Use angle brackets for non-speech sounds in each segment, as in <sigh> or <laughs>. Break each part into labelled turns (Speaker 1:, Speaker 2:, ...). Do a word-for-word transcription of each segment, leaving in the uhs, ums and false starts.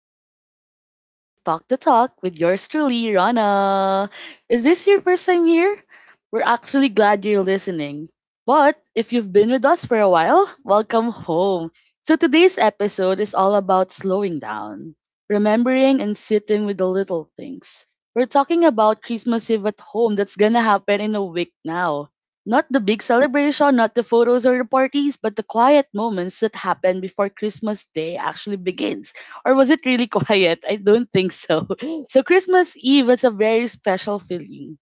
Speaker 1: to another episode of Talk the Talk with yours truly, Rana. Is this your first time here? We're actually glad you're listening. But if you've been with us for a while, welcome home. So today's episode is all about slowing down, remembering, and sitting with the little things. We're talking about Christmas Eve at home that's gonna happen in a week now, not the big celebration, not the photos or the parties, but the quiet moments that happen before Christmas Day actually begins. Or was it really <laughs> quiet? I don't think so. <laughs> So, Christmas Eve is a very special feeling.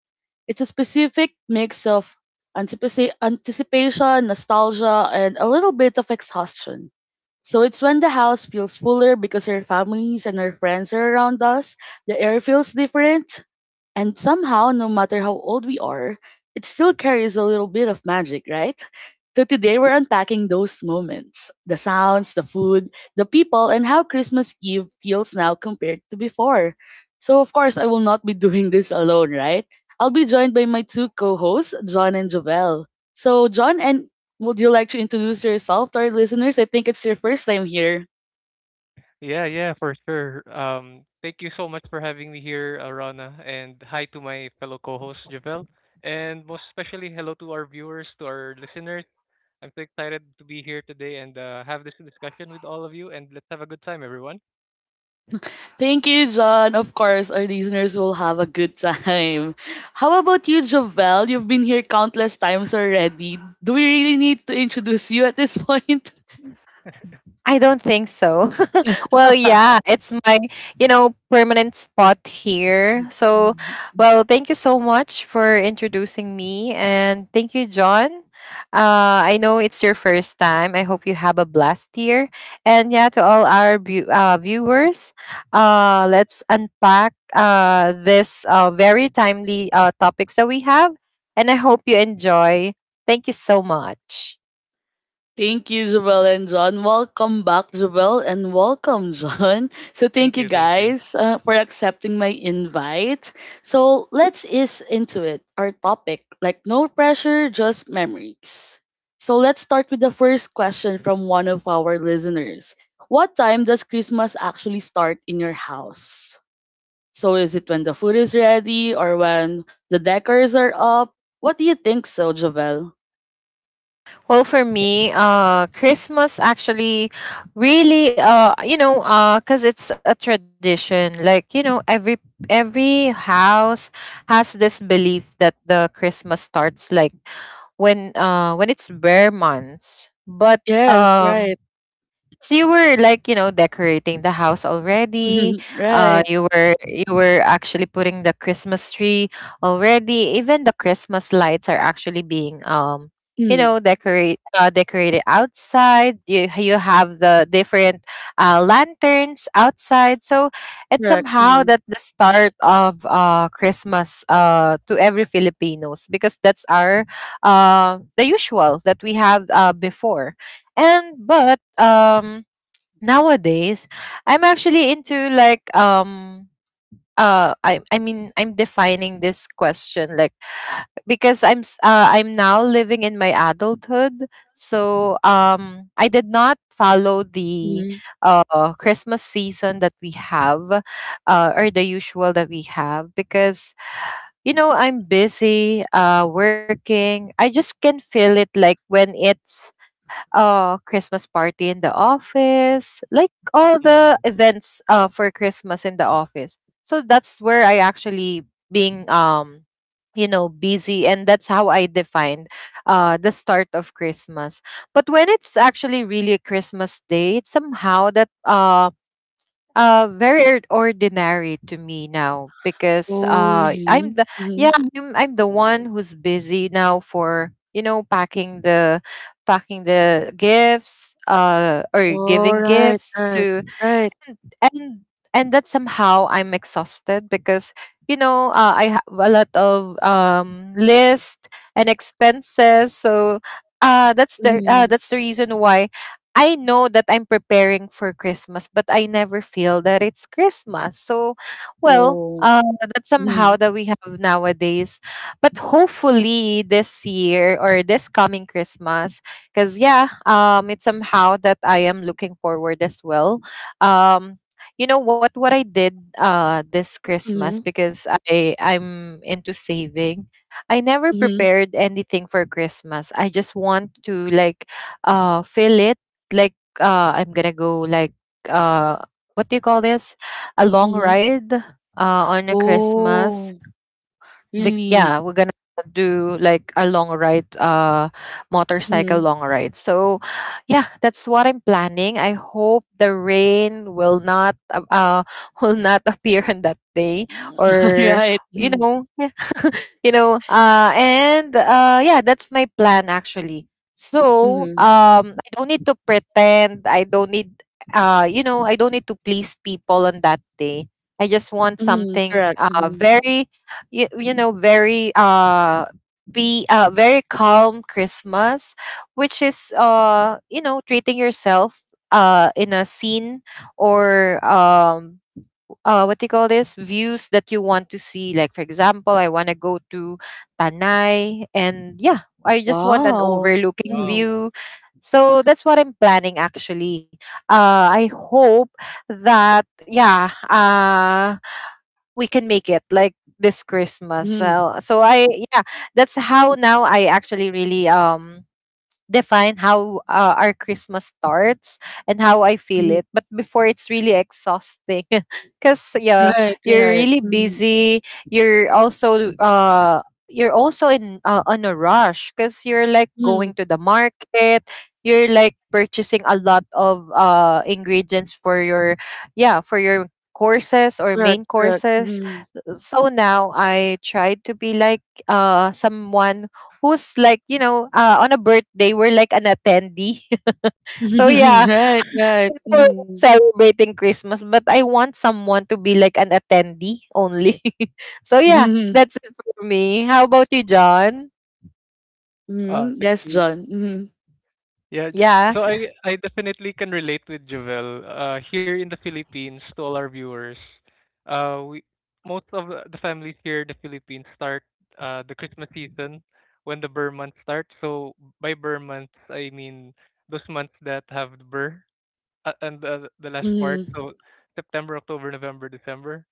Speaker 1: It's a specific mix of anticipa- anticipation, nostalgia, and a little bit of exhaustion. So it's when the house feels fuller because our families and our friends are around us. The air feels different. And somehow, no matter how old we are, it still carries a little bit of magic, right? So today we're unpacking those moments, the sounds, the food, the people, and how Christmas Eve feels now compared to before. So, of course, I will not be doing this alone, right? I'll be joined by my two co hosts, John and Jovel. So, John, and would you like to introduce yourself to our listeners? I think it's your first time here.
Speaker 2: Yeah, yeah, for sure. Um, thank you so much for having me here, uh, Rana, and hi to my fellow co-host Javel, and most especially hello to our viewers, to our listeners. I'm so excited to be here today and uh, have this discussion with all of you, and let's have a good time, everyone.
Speaker 1: Thank you, John. Of course, our listeners will have a good time. How about you, Jovel? You've been here countless times already. Do we really need to introduce you at this point?
Speaker 3: I don't think so. <laughs> well, yeah, it's my, you know, permanent spot here. So,
Speaker 1: <laughs>
Speaker 3: well, thank you so much for introducing me and thank you, John. Uh, I know it's your first time. I hope you have a blast here. And yeah, to all our bu- uh, viewers, uh, let's unpack uh, this uh, very timely uh, topics that we have. And I hope you enjoy. Thank you so much.
Speaker 1: Thank you, Zubel and John. Welcome back, Zubel, and welcome, John. <laughs> So, thank
Speaker 2: Thank
Speaker 1: you
Speaker 2: you, thank you.
Speaker 1: guys uh, for accepting my invite. So, let's ease into it. Our topic, like no pressure, just memories. So, let's start with the first question from one of our listeners. What time does Christmas actually start in your house? So, is it when the food is ready or when the decors are up? What do you think so, Jovel?
Speaker 3: Well, for me, uh, Christmas actually really, uh, you know, uh, cause it's a tradition. Like you know, every every house has this belief that the Christmas starts like when uh when it's bare months, but
Speaker 1: Yes,
Speaker 3: um
Speaker 1: right.
Speaker 3: so you were like, you know, decorating the house already.
Speaker 1: <laughs>
Speaker 3: Uh,
Speaker 1: Right.
Speaker 3: you were you were actually putting the Christmas tree already. Even the Christmas lights are actually being um, you
Speaker 1: Mm,
Speaker 3: know, decorate uh, decorated outside. You you have the different uh, lanterns outside. So it's
Speaker 1: correct.
Speaker 3: somehow
Speaker 1: Mhm,
Speaker 3: that the start of uh Christmas uh to every Filipinos because that's our uh the usual that we have uh before and but um Nowadays I'm actually into like um uh I I mean, I'm defining this question like because I'm s- uh, I'm now living in my adulthood. So um I did not follow the
Speaker 1: mhm.
Speaker 3: uh Christmas season that we have uh or the usual that we have because you know I'm busy uh working. I just can feel it like when it's uh Christmas party in the office, like all the
Speaker 2: Mm.
Speaker 3: events uh for Christmas in the office. So that's where I actually being um you know busy, and that's how I defined uh the start of Christmas. But when it's actually really Christmas day, it's somehow that um uh very ord- ordinary to me now because
Speaker 1: Oh,
Speaker 3: uh i'm
Speaker 1: really?
Speaker 3: the yeah
Speaker 1: Mhm.
Speaker 3: I'm, I'm the one
Speaker 2: Oh,
Speaker 3: who's busy now for you know packing the packing the gifts uh or
Speaker 1: Oh,
Speaker 3: giving
Speaker 1: right,
Speaker 3: gifts
Speaker 1: right,
Speaker 3: to
Speaker 1: right.
Speaker 3: and and and that somehow I'm exhausted because you know uh, I have a lot of um list and expenses. So uh that's the uh,
Speaker 1: Mhm.
Speaker 3: that's the reason why I know that I'm preparing for Christmas, but I never feel that it's Christmas. So, well,
Speaker 1: Oh.
Speaker 3: uh, that's somehow
Speaker 1: Mhm,
Speaker 3: that we have nowadays. But hopefully this year or this coming Christmas, because yeah, um, it's somehow that I am looking forward as well. um you know what what I did uh this Christmas,
Speaker 1: mhm,
Speaker 3: because i i'm into saving. I never
Speaker 1: mhm,
Speaker 3: prepared anything for Christmas. I just want to like uh fill it like uh I'm gonna go like uh what do you call this, a long
Speaker 1: mhm.
Speaker 3: ride uh on a Christmas,
Speaker 1: Oh,
Speaker 3: but
Speaker 1: really?
Speaker 3: yeah, we're gonna do like a long ride, uh, motorcycle
Speaker 1: Mhm.
Speaker 3: long ride. So, yeah, that's what I'm planning. I hope the rain will not, uh, uh, <laughs> will not appear on that day,
Speaker 1: <laughs>
Speaker 3: or
Speaker 1: Right.
Speaker 3: you
Speaker 1: Mhm,
Speaker 3: know, yeah, you know uh and uh yeah, that's my plan actually. So
Speaker 1: mhm,
Speaker 3: um I don't need to pretend. I don't need uh you know, I don't need to please people on that day. I just want
Speaker 1: mhm,
Speaker 3: something
Speaker 1: correct.
Speaker 3: uh
Speaker 1: Mhm.
Speaker 3: very you, you know very uh be uh very calm Christmas, which is uh you know, treating yourself uh in a scene or um uh, what do you call this, views that you want to see, like for example, I want to go to Tanay and yeah, I just want an
Speaker 1: Wow.
Speaker 3: overlooking
Speaker 1: Mhm,
Speaker 2: wow.
Speaker 3: view. So that's what I'm planning actually. uh, I hope that yeah, uh, we can make it like this Christmas.
Speaker 1: mhm,
Speaker 3: So so I Yeah, that's how now I actually really um define how uh, our Christmas starts and how I feel
Speaker 1: mhm.
Speaker 3: it. But before, it's really exhausting. <laughs> Because yeah,
Speaker 1: Right,
Speaker 3: you're
Speaker 1: right.
Speaker 3: really
Speaker 1: Mhm,
Speaker 3: busy. You're also uh you're also in uh, on a rush because you're like
Speaker 1: mhm,
Speaker 3: going to the market. You're like purchasing a lot of uh ingredients for your yeah for your courses or
Speaker 1: correct,
Speaker 3: main
Speaker 1: correct.
Speaker 3: courses.
Speaker 1: Mhm.
Speaker 3: So now I try to be like uh someone who's like you know uh, on a birthday we're like an attendee. <laughs> So
Speaker 1: <laughs>
Speaker 3: yeah,
Speaker 2: <laughs>
Speaker 1: Right, right.
Speaker 3: people
Speaker 1: Mhm,
Speaker 3: celebrating Christmas, but I want someone to be like an attendee only. <laughs> So yeah,
Speaker 1: mhm,
Speaker 3: that's it for me. How about you, John?
Speaker 2: Uh,
Speaker 1: mhm.
Speaker 2: thank
Speaker 1: Yes,
Speaker 2: you.
Speaker 1: John. Mhm,
Speaker 2: Yeah, J-
Speaker 3: Yeah,
Speaker 2: so I I definitely can relate with Jovel. Uh, here in the Philippines, to all our viewers, uh, we most of the the families here in the Philippines start uh the Christmas season when the Burr month starts. So by Burr months, I mean those months that have the Burr uh, and the the last
Speaker 1: mhm.
Speaker 2: part.
Speaker 1: <laughs>
Speaker 2: So September, October, November, December,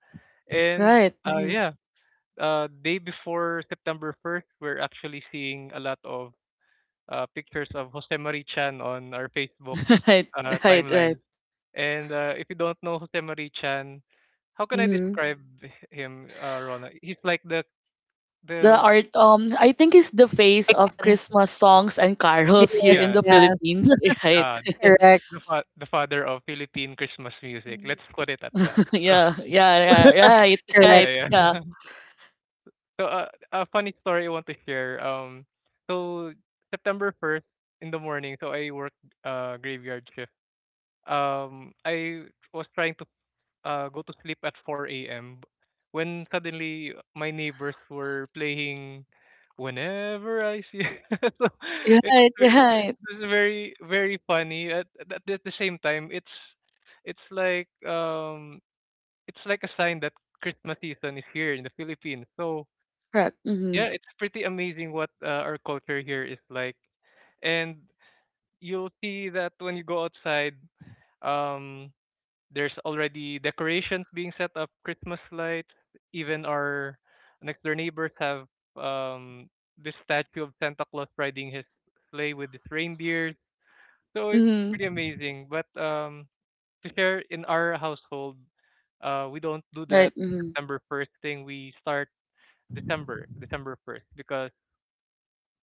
Speaker 2: and
Speaker 1: Right.
Speaker 2: uh
Speaker 1: Mhm.
Speaker 2: yeah, uh day before September first, we're actually seeing a lot of uh, pictures of Jose Marichan on our Facebook
Speaker 1: <laughs> Right.
Speaker 2: uh,
Speaker 1: Right.
Speaker 2: timeline.
Speaker 1: Right.
Speaker 2: And uh, if you don't know Jose Marie Chan, how can I
Speaker 1: Hmm.
Speaker 2: describe him, uh, Rona? He's like the
Speaker 1: The
Speaker 2: the
Speaker 1: art, um, I think is the face of
Speaker 3: icon.
Speaker 1: Christmas songs and carols here in
Speaker 2: yeah
Speaker 1: the
Speaker 3: Yeah.
Speaker 1: Philippines. <laughs> Right.
Speaker 2: uh,
Speaker 3: <laughs>
Speaker 2: the the,
Speaker 3: Correct.
Speaker 2: fa- the father of Philippine Christmas music. Let's put it at that.
Speaker 1: <laughs>
Speaker 2: <laughs>
Speaker 1: Yeah. Yeah. Yeah. Right.
Speaker 2: So
Speaker 3: Correct.
Speaker 1: Right.
Speaker 2: yeah,
Speaker 1: Yeah.
Speaker 2: yeah. <laughs> So uh, a funny story I want to share. Um, so September first in the morning. So I worked uh graveyard shift. Um, I was trying uh, go to sleep at four a m when suddenly my neighbors were playing Whenever I See. <laughs> So it was,
Speaker 1: Right.
Speaker 2: ve-
Speaker 1: Right.
Speaker 2: it was very, very funny. At, at at the same time, it's it's like um it's like a sign that Christmas season is here in the Philippines. So
Speaker 1: Correct. Mm-hmm.
Speaker 2: yeah, it's pretty amazing what uh, our culture here is like, and you'll see that when you go outside. Um, there's already decorations being set up, Christmas lights. Even our next door neighbors have um this statue of Santa Claus riding his sleigh with his reindeers. So it's pretty
Speaker 1: Mm-hmm.
Speaker 2: amazing. But um to share in our household, uh we don't do
Speaker 1: Right.
Speaker 2: that
Speaker 1: Mm-hmm.
Speaker 2: September first thing. We start December, December first because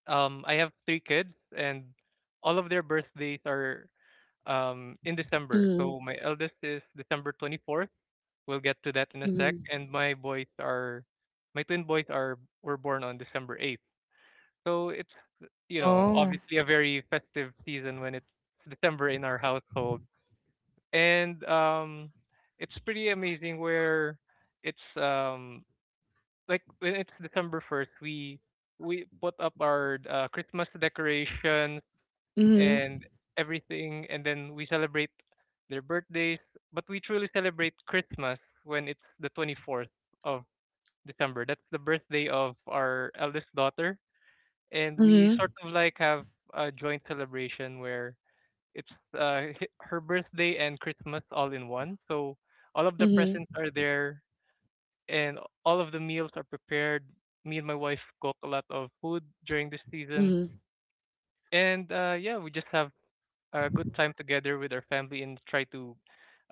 Speaker 2: um I have three kids and all of their birthdays are um in December.
Speaker 1: Mm-hmm.
Speaker 2: So my eldest is December twenty-fourth. We'll get to that in a sec. And my boys are, My twin boys are were born on December eighth. So it's, you know,
Speaker 3: Oh,
Speaker 2: obviously a very festive season when it's December in our household. And um, it's pretty amazing where it's um like when it's December first, we we put up our uh, Christmas decorations and
Speaker 1: Mm-hmm.
Speaker 2: everything, and then we celebrate their birthdays. But we truly celebrate Christmas when it's the twenty-fourth of December. That's the birthday of our eldest daughter, and we
Speaker 1: Mm-hmm.
Speaker 2: sort of like have a joint celebration where it's uh, h- her birthday and Christmas all in one. So all of the
Speaker 1: Mm-hmm.
Speaker 2: presents are there, and all of the meals are prepared. Me and my wife cook a lot of food during this season,
Speaker 1: Mm-hmm.
Speaker 2: and uh yeah, we just have a good time together with our family and try to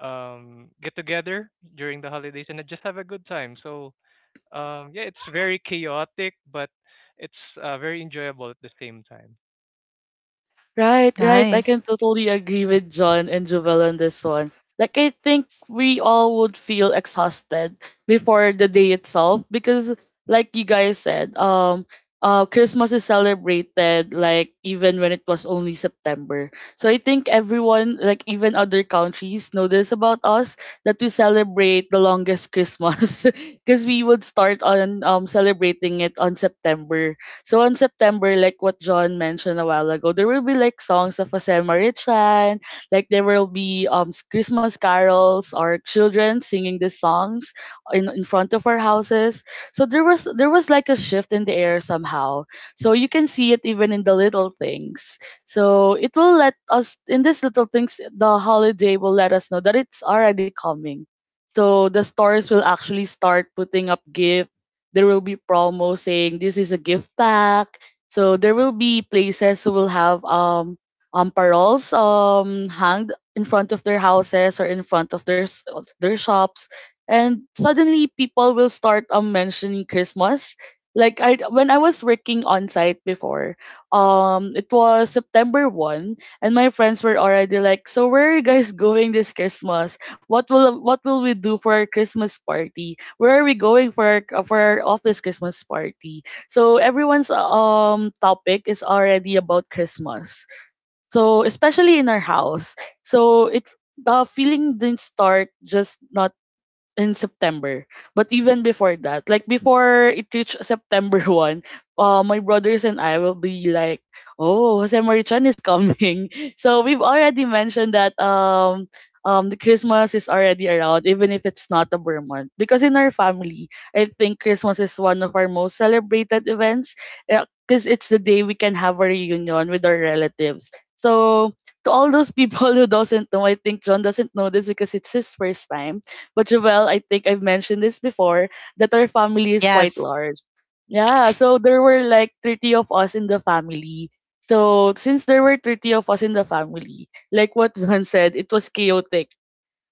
Speaker 2: um get together during the holidays and just have a good time. So um yeah, it's very chaotic but it's uh, very enjoyable at the same time.
Speaker 1: Right, right. I can
Speaker 3: nice.
Speaker 1: totally agree with John and Jovel on this one. Like, I think we all would feel exhausted before the day itself because, like you guys said, um, uh, Christmas is celebrated like even when it was only September. So I think everyone, like even other countries, know this about us that we celebrate the longest Christmas <laughs> because we would start on um celebrating it on September, so on September, like what John mentioned a while ago, there will be like songs of Jose Marichan, like there will be um s- Christmas carols or children singing these songs in, in front of our houses. So there was there was like a shift in the air somehow. So you can see it even in the little things. So it will let us in these little things, the holiday will let us know that it's already coming. So the stores will actually start putting up gifts, there will be promo saying this is a gift pack. So there will be places who will have um um paroles um hung in front of their houses or in front of their s- their shops, and suddenly people will start um mentioning Christmas. Like I when I was working on site before, um it was September one, and my friends were already like, so where are you guys going this Christmas? What will what will we do for our Christmas party? Where are we going for our, uh, for our office Christmas party? So everyone's um topic is already about Christmas. So especially in our house, so it the feeling didn't start just not in September. But even before that, like before it reached September <laughs> one, uh, my brothers and I will be like, oh, Jose Marichan is coming. <laughs> So we've already mentioned that um, um, the Christmas is already around, even if it's not a Burr month. Because in our family, I think Christmas is one of our most celebrated events because it's the day we can have a reunion with our relatives. So to all those people <laughs> who doesn't know, I think John doesn't know this because it's his first time, but Jovel, I think I've mentioned this before that our family is quite
Speaker 3: Yes.
Speaker 1: large. Yeah, so there were like thirty of us in the family. So since there were thirty of us in the family, like what <laughs> Juan said, it was chaotic.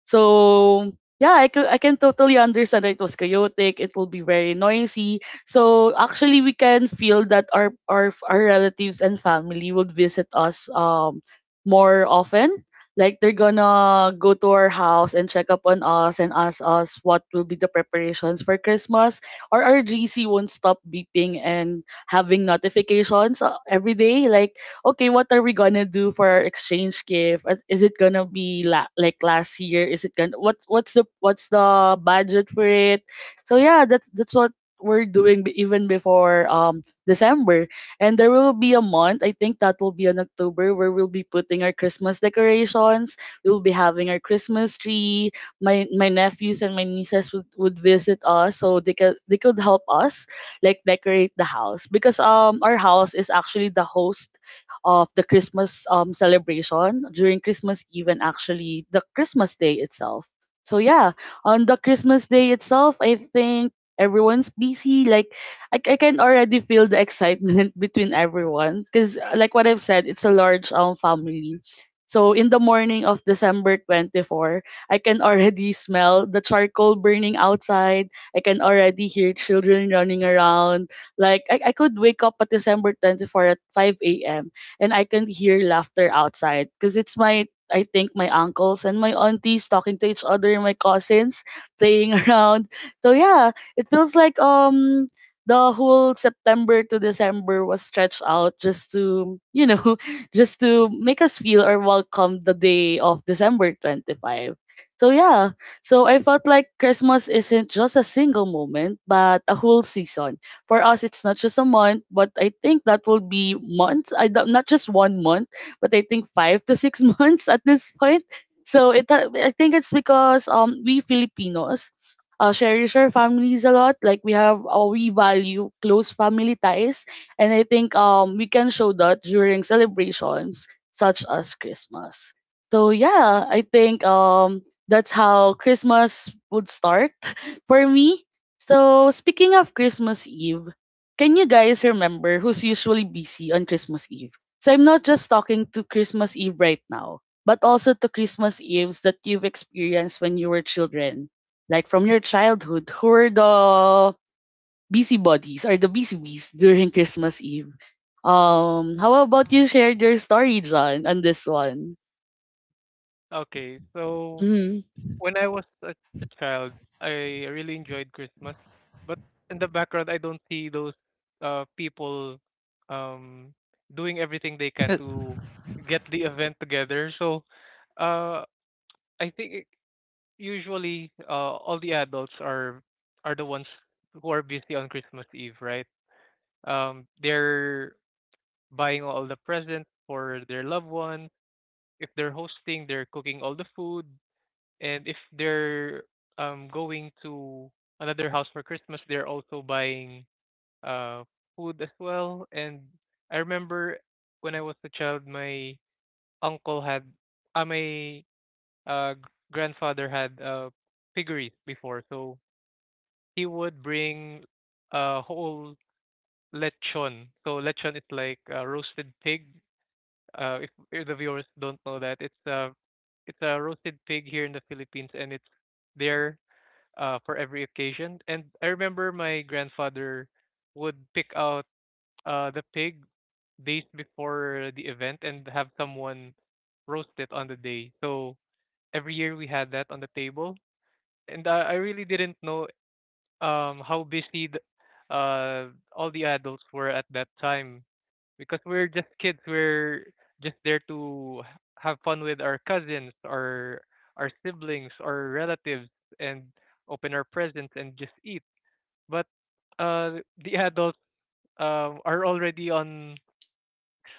Speaker 1: So yeah, I can I can totally understand that it was chaotic. It will be very noisy. So actually, we can feel that our our our relatives and family would visit us um more often. Like they're gonna go to our house and check up on us and ask us what will be the preparations for Christmas. Or our G C won't stop beeping and having notifications uh, every day. Like, okay, what are we gonna do for our exchange gift? Is is it gonna be la- like last year? Is it gonna what what's the what's the budget for it? So yeah, that's that's what we're doing b- even before um December. And there will be a month, I think that will be on October, where we'll be putting our Christmas decorations. We'll be having our Christmas tree. My my nephews and my nieces would, would visit us so they could they could help us like decorate the house because um our house is actually the host of the Christmas um, celebration during Christmas Eve and actually the Christmas Day itself. So yeah, on the Christmas Day itself, I think everyone's busy. Like I, I can already feel the excitement <laughs> between everyone because like what I've said, it's a large um family. So in the morning of December twenty-fourth, I can already <laughs> smell the charcoal burning outside. I can already hear children running around. Like I, I could wake up at December twenty-fourth at five a m and I can hear laughter outside because it's my I think my uncles and my aunties talking to each other and my cousins playing <laughs> around. So yeah, it feels like um the whole September to December was stretched out just to you know <laughs> just to make us feel or welcome the day of December twenty-fifth. So yeah, so I felt like Christmas isn't just a single moment, but a whole season for us. It's not just a month, but I think that will be months, I don't- not just one month, but I think five to six <laughs> months at this point. So it uh, I think it's because um we Filipinos uh, cherish our families a lot, like we have uh, we value close family ties, and I think um we can show that during celebrations such as Christmas. So yeah, I think um that's how Christmas would start <laughs> for me. So, speaking of Christmas Eve, can you guys remember who's usually busy on Christmas Eve? So, I'm not just talking to Christmas Eve right now, but also to Christmas Eves that you've experienced when you were children, like from your childhood, who were the busybodies or the busy bees during Christmas Eve? Um, how about you share your story, John, on this one?
Speaker 2: Okay, so
Speaker 1: Mm-hmm.
Speaker 2: when I was a, a child, I really enjoyed Christmas, but in the background I don't see those uh people um doing everything they
Speaker 3: Uh,
Speaker 2: can to get the event together. So uh I think usually uh, all the adults are are the ones who are busy on Christmas Eve, right? Um, they're buying all the presents for their loved one. If they're hosting, they're cooking all the food, and if they're um going to another house for Christmas, they're also buying uh food as well. And I remember when I was a child, my uncle had, uh, my uh g- grandfather had uh piggeries before, so he would bring a whole lechon. So lechon is like a roasted pig. Uh, if, if the viewers don't know that, it's a it's a roasted pig here in the Philippines, and it's there uh, for every occasion. And I remember my grandfather would pick out uh, the pig days before the event and have someone roast it on the day. So every year we had that on the table, and uh, I really didn't know um how busy the, uh all the adults were at that time, because we're just kids, we're just there to h- have fun with our cousins, our our siblings or relatives, and open our presents and just eat. But uh the adults um are already on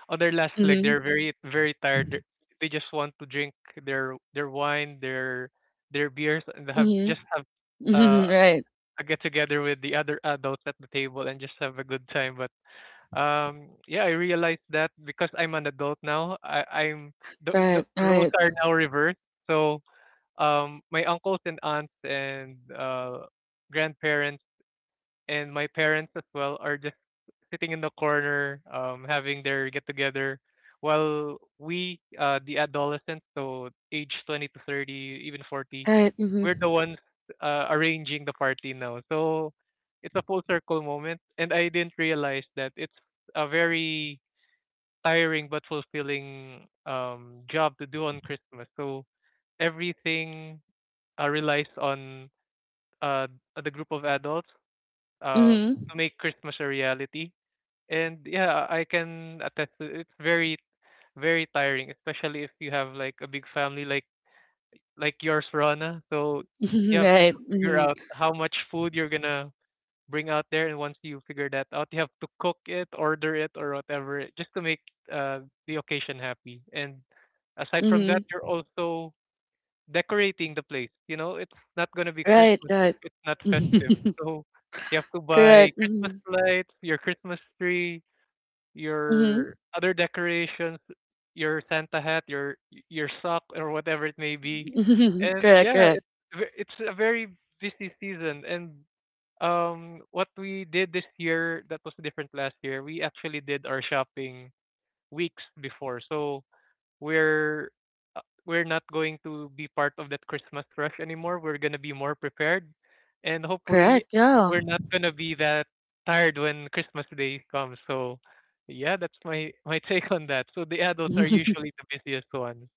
Speaker 2: on their last leg.
Speaker 1: Mm-hmm.
Speaker 2: They're very, very tired. They're- they just want to drink their their wine, their their beers, and have just have uh
Speaker 1: Mm-hmm. <laughs> Right.
Speaker 2: I get together with the other adults at the table and just have a good time. But um, yeah, I realized that because I'm an adult now, I, I'm the, the
Speaker 1: Right.
Speaker 2: the roles
Speaker 1: Right.
Speaker 2: are now reversed. So um, my uncles and aunts and uh, grandparents and my parents as well are just sitting in the corner, um, having their get together, while we, uh, the adolescents, so age twenty to thirty, even forty,
Speaker 1: Right. Mm-hmm.
Speaker 2: we're the ones uh, arranging the party now. So it's a full circle moment, and I didn't realize that it's a very tiring but fulfilling um, job to do on Christmas. So everything uh, relies on uh, the group of adults uh,
Speaker 1: Mm-hmm.
Speaker 2: to make Christmas a reality. And yeah, I can attest to it. It's very, very tiring, especially if you have like a big family like like yours, Rana. So you
Speaker 1: <laughs>
Speaker 2: have to
Speaker 1: Right.
Speaker 2: figure
Speaker 1: Mhm.
Speaker 2: out how much food you're gonna bring out there, and once you figure that out, you have to cook it, order it, or whatever, just to make uh, the occasion happy. And aside from that,
Speaker 1: Mhm.
Speaker 2: you're also decorating the place. You know, it's not gonna be
Speaker 1: Right,
Speaker 2: Christmas if
Speaker 1: right.
Speaker 2: it's not festive.
Speaker 1: <laughs>
Speaker 2: So you have to buy
Speaker 1: Correct.
Speaker 2: Christmas
Speaker 1: Mhm.
Speaker 2: lights, your Christmas tree,
Speaker 1: Mhm.
Speaker 2: your other decorations, your Santa hat, your your sock or whatever it may be.
Speaker 1: <laughs>
Speaker 2: And
Speaker 1: Correct,
Speaker 2: yeah,
Speaker 1: correct.
Speaker 2: it's ve- it's a very busy season. And um what we did this year that was different last year, we actually did our shopping weeks before. So we're uh, we're not going to be part of that Christmas rush anymore. We're gonna be more prepared, and hopefully,
Speaker 1: Correct, yeah.
Speaker 2: we're not gonna be that tired when Christmas Day comes. So yeah, that's my my <laughs> take on that. So the adults are
Speaker 1: <laughs>
Speaker 2: usually the busiest ones.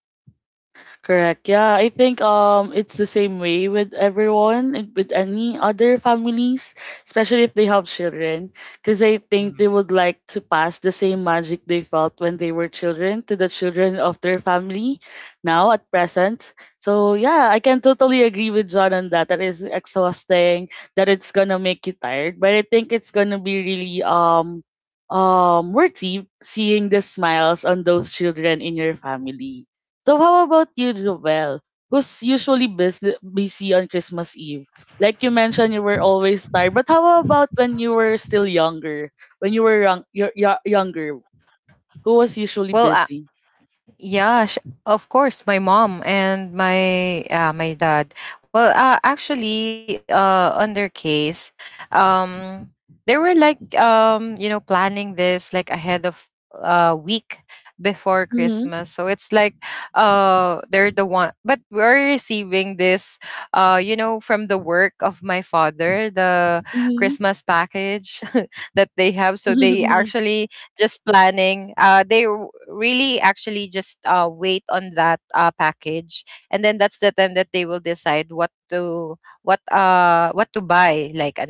Speaker 1: Correct. Yeah, I think um it's the same way with everyone and with any other families, especially if they have children, because I think
Speaker 2: Mm,
Speaker 1: they would like to pass the same magic they felt when they were children to the children of their family now at present. So yeah, I can totally agree with John on that. That is exhausting, that it's gonna make you tired, but I think it's gonna be really um um worthy seeing the smiles on those children in your family. So how about you, Jovel, who's usually busy, busy on Christmas Eve? Like you mentioned, you were always tired. But how about when you were still younger? When you were young, y- y- younger, who was usually
Speaker 3: well uh,
Speaker 1: busy?
Speaker 3: Yeah, sh- of course, my mom and my uh, my dad. Well, uh, actually, uh, on their case, um, they were like um, you know, planning this like ahead of a week before
Speaker 1: Mm-hmm.
Speaker 3: Christmas. So it's like uh they're the one, but we're receiving this uh you know, from the work of my father, the
Speaker 1: Mm-hmm.
Speaker 3: Christmas package <laughs> that they have. So they
Speaker 1: <laughs>
Speaker 3: actually just planning. Uh, they w- really actually just uh, wait on that uh, package, and then that's the time that they will decide what to what uh what to buy, like an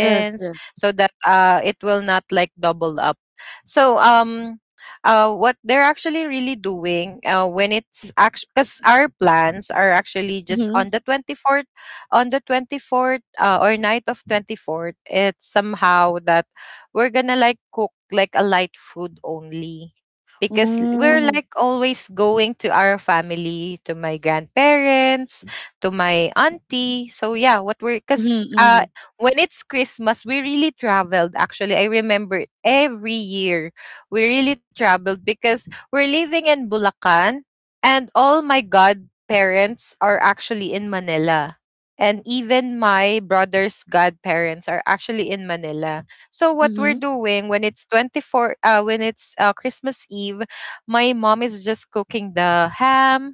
Speaker 1: Yes. Yeah.
Speaker 3: so that uh it will not like double up. So um. Uh, what they're actually really doing uh, when it's actually, because our plans are actually just
Speaker 1: Mm-hmm.
Speaker 3: on the twenty-fourth, on the twenty-fourth uh, or night of twenty-fourth, it's somehow that we're gonna like cook like a light food only, because we're
Speaker 1: Mm-hmm.
Speaker 3: like always going to our family, to my grandparents, to my auntie. So yeah, what we're because
Speaker 1: Mm-hmm.
Speaker 3: uh when it's Christmas, we really traveled. Actually, I remember every year we really traveled because we're living in Bulacan, and all my godparents are actually in Manila, and even my brother's godparents are actually in Manila. So what
Speaker 1: Mm-hmm.
Speaker 3: we're doing when it's twenty-fourth uh when it's uh, Christmas Eve, my mom is just cooking the ham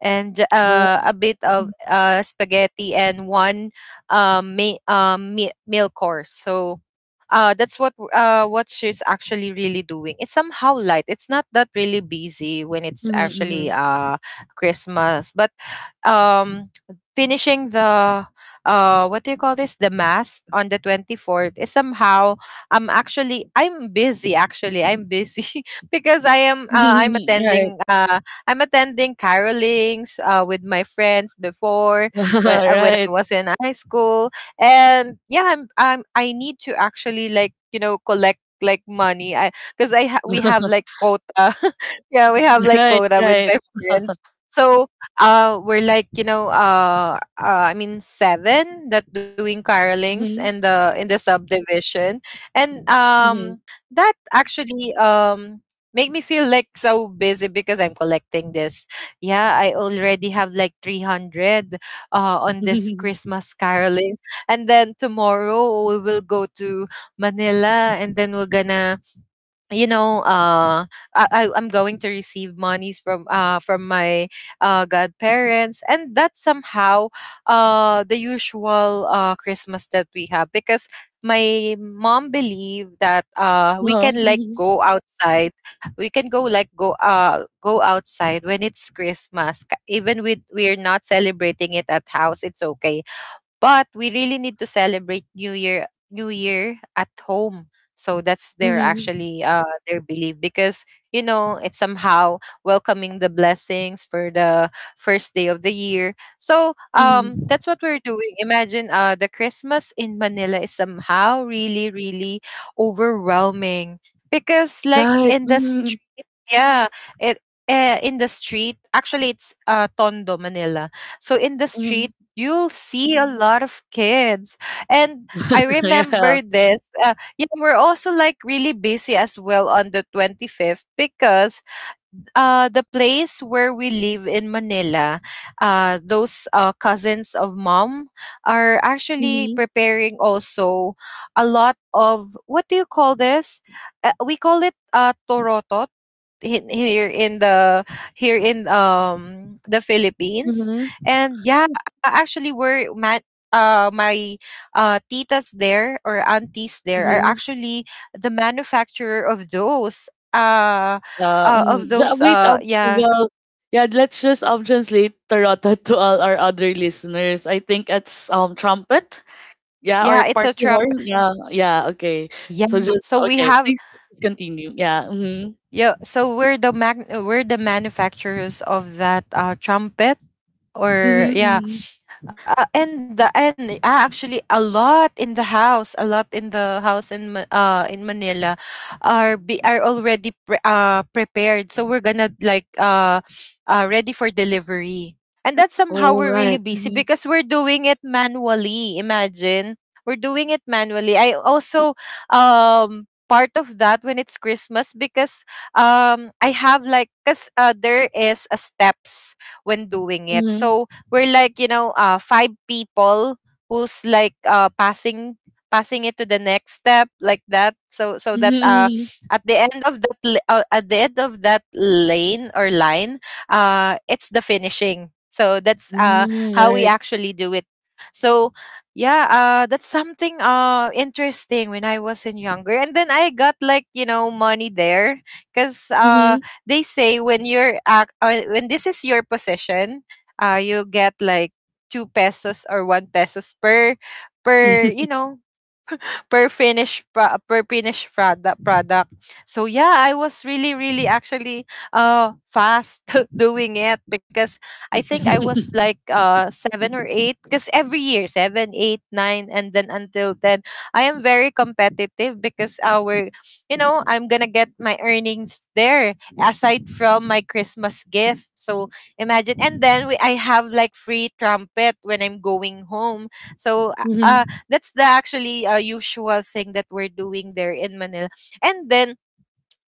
Speaker 3: and j-
Speaker 1: Oh.
Speaker 3: uh, a bit of uh, spaghetti and one um, ma- um, me- meal course. So uh, that's what w- uh, what she's actually really doing. It's somehow light. It's not that really busy when it's
Speaker 1: Mm-hmm.
Speaker 3: actually uh, Christmas, but um finishing the uh what do you call this, the mass on the twenty-fourth is somehow, i'm actually I'm busy, actually I'm busy, <laughs> because i am uh, I'm
Speaker 1: Mm-hmm. <laughs> Right.
Speaker 3: attending uh I'm attending carolings uh with my friends before
Speaker 1: <laughs>
Speaker 3: when, uh, when I
Speaker 1: Right.
Speaker 3: was in high school. And yeah, i'm i'm I need to actually like, you know, collect like money. I Because i ha- we have like
Speaker 1: <laughs>
Speaker 3: quota. <laughs> Yeah, we have like
Speaker 1: Right.
Speaker 3: quota with
Speaker 1: Right.
Speaker 3: my friends. So uh we're like, you know, uh, uh I mean, seven that doing carolings
Speaker 1: Mm-hmm.
Speaker 3: in the in the subdivision. And
Speaker 1: Mm-hmm.
Speaker 3: um that actually um make me feel like so busy because I'm collecting this. Yeah, I already have like three hundred uh on this
Speaker 1: <laughs>
Speaker 3: Christmas carolings, and then tomorrow we will go to Manila, and then we're gonna you know uh I, I I'm going to receive monies from uh from my uh godparents. And that's somehow uh the usual uh Christmas that we have, because my mom believed that uh we
Speaker 1: Uh-huh.
Speaker 3: can like
Speaker 1: Mm-hmm.
Speaker 3: go outside, we can go like go uh go outside when it's Christmas. Ka- even with we're not celebrating it at house, it's okay, but we really need to celebrate New Year New Year at home. So that's their
Speaker 1: Mm-hmm.
Speaker 3: actually uh their belief, because you know, it's somehow welcoming the blessings for the first day of the year. So um
Speaker 1: Mm-hmm.
Speaker 3: that's what we're doing. Imagine uh the Christmas in Manila is somehow really really overwhelming because like
Speaker 1: Right.
Speaker 3: in the
Speaker 1: Mhm,
Speaker 3: street, yeah, it uh, in the street actually, it's uh Tondo Manila. So in the
Speaker 1: mhm.
Speaker 3: street you'll see a lot of kids. And I
Speaker 1: <laughs> Yeah.
Speaker 3: remember this. Uh, yeah, we're also like really busy as well on the twenty-fifth, because uh, the place where we live in Manila, uh, those uh, cousins of mom are actually
Speaker 1: Mhm,
Speaker 3: preparing also a lot of what do you call this? Uh, we call it uh, torotot he- here in the here in um the Philippines.
Speaker 1: mhm,
Speaker 3: And yeah, a- actually we're ma- uh my uh titas there, or aunties there, are
Speaker 1: mhm.
Speaker 3: actually the manufacturer of those uh,
Speaker 1: Yeah,
Speaker 3: uh of
Speaker 1: mhm. Yeah,
Speaker 3: those
Speaker 1: wait,
Speaker 3: uh
Speaker 1: um,
Speaker 3: Yeah,
Speaker 1: well, yeah, let's just um translate Tarota to all our other listeners. I think it's um trumpet, yeah, or
Speaker 3: yeah, it's a
Speaker 1: party
Speaker 3: trump.
Speaker 1: horn. Yeah, yeah, okay. So
Speaker 3: Yeah,
Speaker 1: just
Speaker 3: so we
Speaker 1: okay,
Speaker 3: have,
Speaker 1: please, please continue. Yeah. Mhm.
Speaker 3: yeah, so we're the mag- we're the manufacturers of that uh trumpet, or yeah.
Speaker 1: Mhm.
Speaker 3: Uh, and the, and ah, actually, a lot in the house a lot in the house in Ma- uh in Manila are
Speaker 1: Mhm.
Speaker 3: be are already pre- uh prepared, so we're gonna like uh uh ready for delivery. And that's somehow
Speaker 1: All
Speaker 3: we're
Speaker 1: right.
Speaker 3: really busy
Speaker 1: Mhm.
Speaker 3: because we're doing it manually, imagine. We're doing it manually. I also, um part of that when it's Christmas, because um I have like, because uh, there is a steps when doing it.
Speaker 1: Mhm.
Speaker 3: So we're like, you know, uh five people who's like uh passing, passing it to the next step, like that. So so that uh
Speaker 1: Mhm.
Speaker 3: at the end of that l- uh, at the end of that lane or line, uh it's the finishing. So that's
Speaker 1: Mhm.
Speaker 3: uh
Speaker 1: Mhm,
Speaker 3: how we
Speaker 1: right.
Speaker 3: actually do it. So yeah, uh that's something uh interesting when I was in younger, and then I got like, you know, money there because uh
Speaker 1: Mhm.
Speaker 3: they say when you're act uh, when this is your possession, uh, you get like two pesos or one pesos per, per
Speaker 1: Mhm.
Speaker 3: you know, per finished pro- per finished product product. So yeah, I was really, really actually uh fast <laughs> doing it because I think I was like uh seven or eight, because every year seven, eight, nine, and then until ten I am very competitive, because our, you know, I'm going to get my earnings there aside from my Christmas gift. So imagine. And then we, I have like free trumpet when I'm going home. So uh
Speaker 1: Mhm.
Speaker 3: that's the actually uh, usual thing that we're doing there in Manila. And then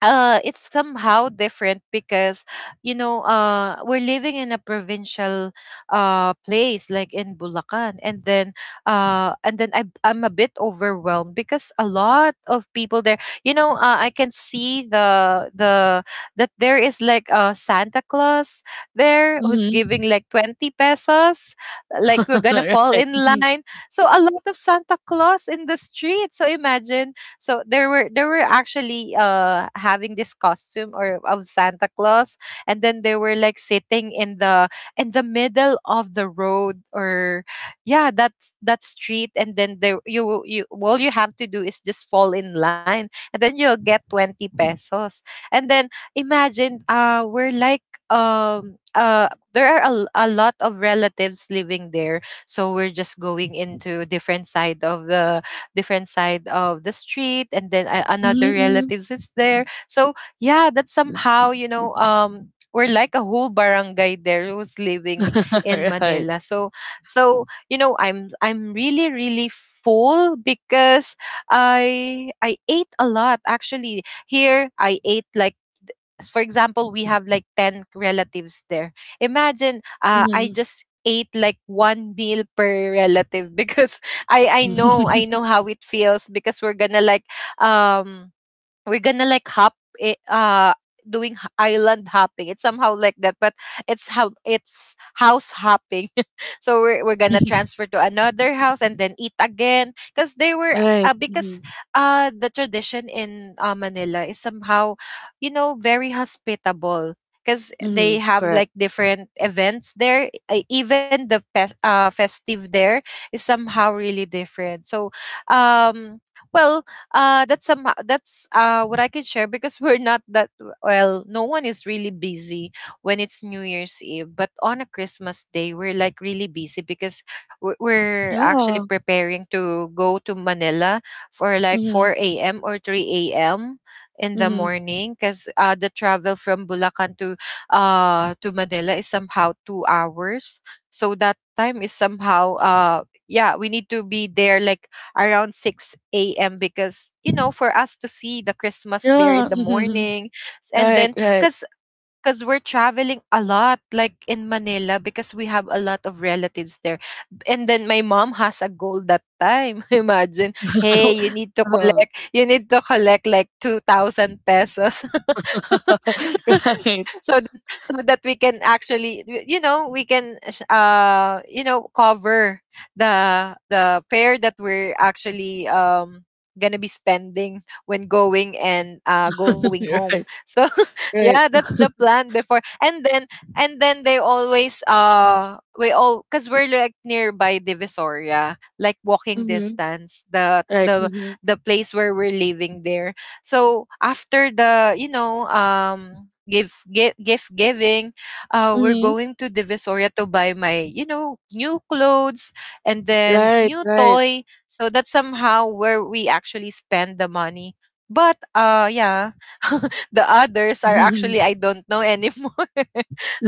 Speaker 3: uh it's somehow different because, you know, uh we're living in a provincial uh place like in Bulacan. And then uh and then I I'm a bit overwhelmed because a lot of people there, you know, uh, I can see the the, that there is like a Santa Claus there who's
Speaker 1: Mhm.
Speaker 3: giving like twenty pesos, like we're
Speaker 1: <laughs>
Speaker 3: going to
Speaker 1: <laughs>
Speaker 3: fall
Speaker 1: Right.
Speaker 3: in
Speaker 1: Mm-hmm.
Speaker 3: line. So a lot of Santa Claus in the street, so imagine. So there were there were actually uh having this costume or of Santa Claus, and then they were like sitting in the, in the middle of the road, or yeah, that's that street. And then there, you you all you have to do is just fall in line, and then you'll get twenty pesos. And then, imagine, uh we're like, um uh there are a, l- a lot of relatives living there, so we're just going into different side of the different side of the street, and then I,
Speaker 1: Mhm,
Speaker 3: another
Speaker 1: mm.
Speaker 3: relatives is there. So yeah, that's somehow, you know, um we're like a whole barangay there who's living in
Speaker 1: <laughs> Right.
Speaker 3: Manila. So, so you know, i'm i'm really, really full because i i ate a lot. Actually, here I ate like, for example, we have like ten relatives there. Imagine, uh, I
Speaker 1: Mhm.
Speaker 3: just ate like one meal per relative because <laughs> I I know, I
Speaker 1: <laughs>
Speaker 3: know how it feels, because we're gonna like, um we're gonna like hop it, uh doing h- island hopping. It's somehow like that, but it's how, it's house hopping. <laughs> So we're, we're gonna transfer to another house and then eat again, because they were,
Speaker 1: Right.
Speaker 3: uh, because
Speaker 1: Mhm,
Speaker 3: uh the tradition in uh, Manila is somehow, you know, very hospitable, because they
Speaker 1: mhm,
Speaker 3: have
Speaker 1: correct.
Speaker 3: like different events there, uh, even the pes- uh, festive there is somehow really different. So um well, uh that's some that's uh what I can share, because <laughs> we're not that, well, no one is really busy when it's New Year's Eve, but on a Christmas Day we're like really busy because we're, we're actually
Speaker 1: Yeah.
Speaker 3: preparing to go to Manila for like
Speaker 1: Mhm,
Speaker 3: four a m or three a m in the
Speaker 1: mhm.
Speaker 3: morning, because uh, the travel from Bulacan to uh to Manila is somehow two hours. So that time is somehow, uh yeah, we need to be there like around six a m because, you know, for us to see the Christmas there in
Speaker 1: Yeah,
Speaker 3: the
Speaker 1: mhm.
Speaker 3: morning. And
Speaker 1: Right,
Speaker 3: then,
Speaker 1: right.
Speaker 3: because because we're traveling a lot like in Manila, because we have a lot of relatives there. B- and then my mom has a goal that time, <laughs> imagine. Hey, you need to
Speaker 1: <laughs> uh
Speaker 3: collect, you need to collect like two thousand pesos. <laughs>
Speaker 1: <laughs> Right.
Speaker 3: So th- so that we can actually, y- you know, we can sh- uh you know, cover the the fare that we're actually um gonna be spending when going and uh going
Speaker 1: <laughs>
Speaker 3: home.
Speaker 1: Right.
Speaker 3: So
Speaker 1: Right,
Speaker 3: yeah, that's
Speaker 1: right.
Speaker 3: the plan before. And then, and then they always, uh we all, because we're like nearby Divisoria, like walking
Speaker 1: Mhm.
Speaker 3: distance, the
Speaker 1: Right,
Speaker 3: the
Speaker 1: mhm.
Speaker 3: the place where we're living there. So after the, you know, um give gift gift giving, uh we're
Speaker 1: Mhm.
Speaker 3: going to Divisoria to buy my, you know, new clothes and then
Speaker 1: Right,
Speaker 3: new
Speaker 1: right.
Speaker 3: toy. So that's somehow where we actually spend the money. But uh yeah. <laughs> The others are actually,
Speaker 1: Mhm.
Speaker 3: I don't know anymore. <laughs>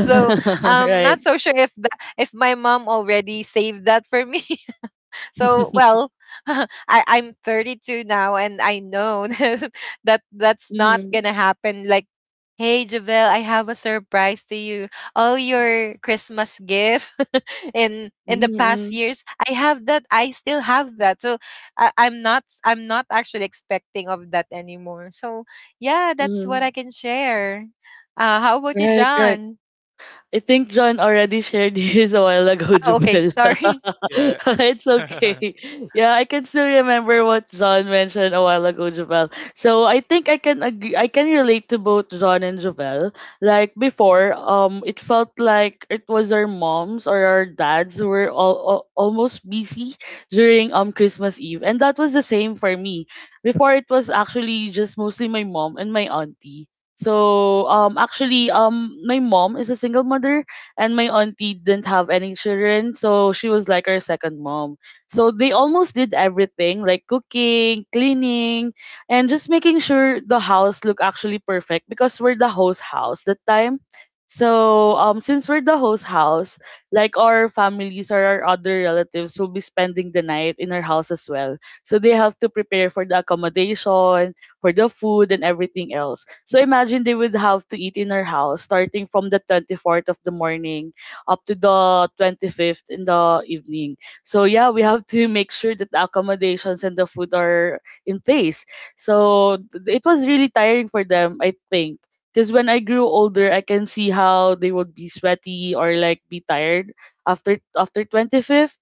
Speaker 3: So I'm not
Speaker 1: Right.
Speaker 3: so sure if the, if my mom already saved that for me. So
Speaker 1: <laughs>
Speaker 3: well, <laughs> I I'm thirty-two now, and I know <laughs> that that's not gonna
Speaker 1: Mhm.
Speaker 3: happen. Like, hey, Javel, I have a surprise to you. All your Christmas gift <laughs> in in the past
Speaker 1: Mhm,
Speaker 3: years, I have that. I still have that. So I, I'm not I'm not actually expecting of that anymore. So yeah, that's what I
Speaker 1: mhm.
Speaker 3: can share. Uh, how about you,
Speaker 1: Right, right.
Speaker 3: John?
Speaker 1: I think John already shared <laughs> his a while ago, <laughs>
Speaker 3: Oh, okay,
Speaker 1: Jubel. <laughs>
Speaker 3: sorry. <laughs>
Speaker 2: yeah.
Speaker 1: It's
Speaker 2: <laughs>
Speaker 1: okay. Yeah, I can still remember what John mentioned a while ago, Jovel. So I think I can agree, I can relate to both John and Jovel. Like before, um, it felt like it was our moms or our dads who were all, all almost busy during um Christmas Eve, and that was the same for me. Before it was actually just mostly my mom and my auntie. So um actually um my mom is a single mother and my auntie didn't have any children, so she was like our second mom. So they almost did everything like cooking, cleaning, and just making sure the house look actually perfect because we're the host house that time. So um since we're the host house, like our families or our other relatives will be spending the night in our house as well. So they have to prepare for the accommodation, for the food and everything else. So imagine they would have to eat in our house starting from the twenty-fourth of the morning up to the twenty-fifth in the evening. So yeah, we have to make sure that the accommodations and the food are in place. So th- it was really tiring for them, I think. Because when I grew older, I can see how they would be sweaty or like be tired after after twenty-fifth.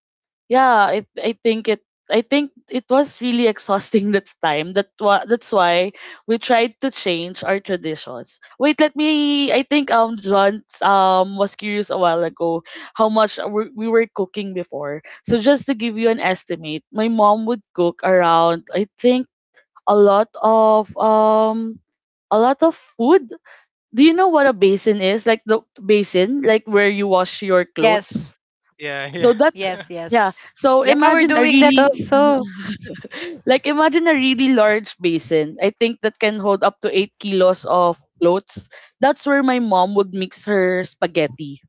Speaker 1: Yeah, I, I think it i think it was really exhausting <laughs> that time. That wa- that's why we tried to change our traditions. Wait, let me, I think um John um was curious a while ago how much we we were cooking before. So just to give you an estimate, my mom would cook around, I think, a lot of um a lot of food. Do you know what a basin is, like the basin like where you wash your
Speaker 3: Yes,
Speaker 1: clothes?
Speaker 2: Yeah, yeah.
Speaker 1: So that,
Speaker 3: yes,
Speaker 2: <laughs>
Speaker 3: yes.
Speaker 1: yeah,
Speaker 3: Yeah,
Speaker 1: so
Speaker 3: we're
Speaker 1: imagine a
Speaker 3: doing that
Speaker 1: really,
Speaker 3: also.
Speaker 1: like imagine a really large basin. I think that can hold up to eight kilos of floats. That's where my mom would mix her spaghetti.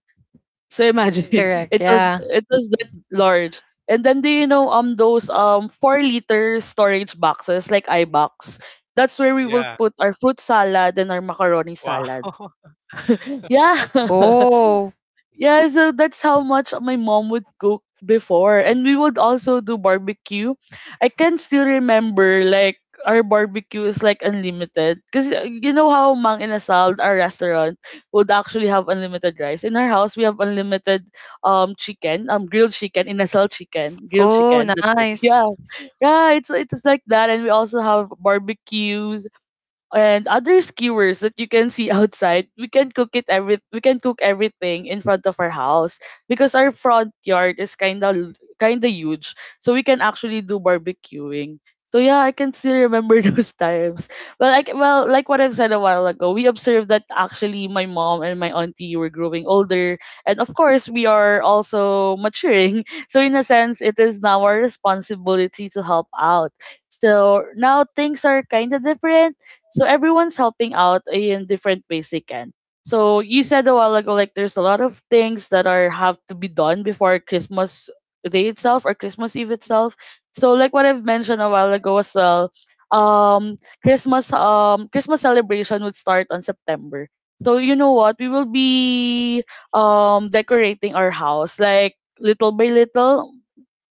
Speaker 1: So imagine
Speaker 2: Ooh.
Speaker 1: <laughs>
Speaker 3: Correct,
Speaker 1: it was,
Speaker 3: yeah.
Speaker 1: it was
Speaker 2: Mm.
Speaker 1: that large. And then, do you know um those um four liter storage boxes like iBox? That's where we will
Speaker 2: Yeah.
Speaker 1: put our fruit salad and our macaroni salad.
Speaker 2: Wow. <laughs>
Speaker 1: Yeah. <laughs>
Speaker 3: Oh,
Speaker 1: Yeah, so that's how much my mom would cook before. And we would also do barbecue. I can still remember, like, our barbecue is like unlimited. Because you know how Mang Inasal, our restaurant, would actually have unlimited rice. In our house, we have unlimited um chicken, um grilled chicken, Inasal chicken, grilled
Speaker 3: oh,
Speaker 1: chicken. That's it. <laughs>
Speaker 3: nice.
Speaker 1: Yeah. Yeah, it's, it's like that. And we also have barbecues and other skewers that you can see outside. We can cook it every we can cook everything in front of our house because our front yard is kind of kind of huge, so we can actually do barbecuing. So yeah, I can still remember <laughs> those times. Well, like well, like what I've said a while ago, we observed that actually my mom and my auntie were growing older, and of course we are also maturing. <laughs> So in a sense, it is now our responsibility to help out. So now things are kind of different, so everyone's helping out in different ways they can. So you said a while ago, like there's a lot of things that are have to be done before Christmas Day itself or Christmas Eve itself. So like what I've mentioned a while ago as well, um, Christmas, um Christmas celebration would start on September. So you know what? We will be um decorating our house like little by little,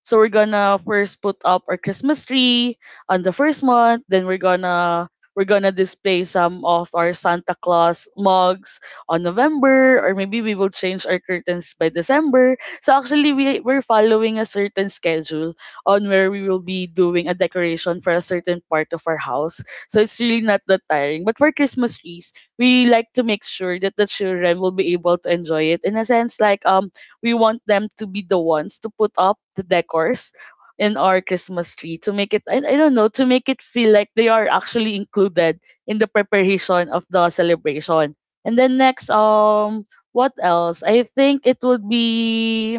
Speaker 1: so we're gonna first put up our Christmas tree on the first month. Then we're gonna we're gonna display some of our Santa Claus mugs on November, or maybe we will change our curtains by December. So actually, we, we're following a certain schedule on where we will be doing a decoration for a certain part of our house. So it's really not that tiring. But for Christmas trees, we like to make sure that the children will be able to enjoy it in a sense, like um we want them to be the ones to put up the decors in our Christmas tree, to make it, I, I don't know, to make it feel like they are actually included in the preparation of the celebration. And then next, um what else? I think it would be,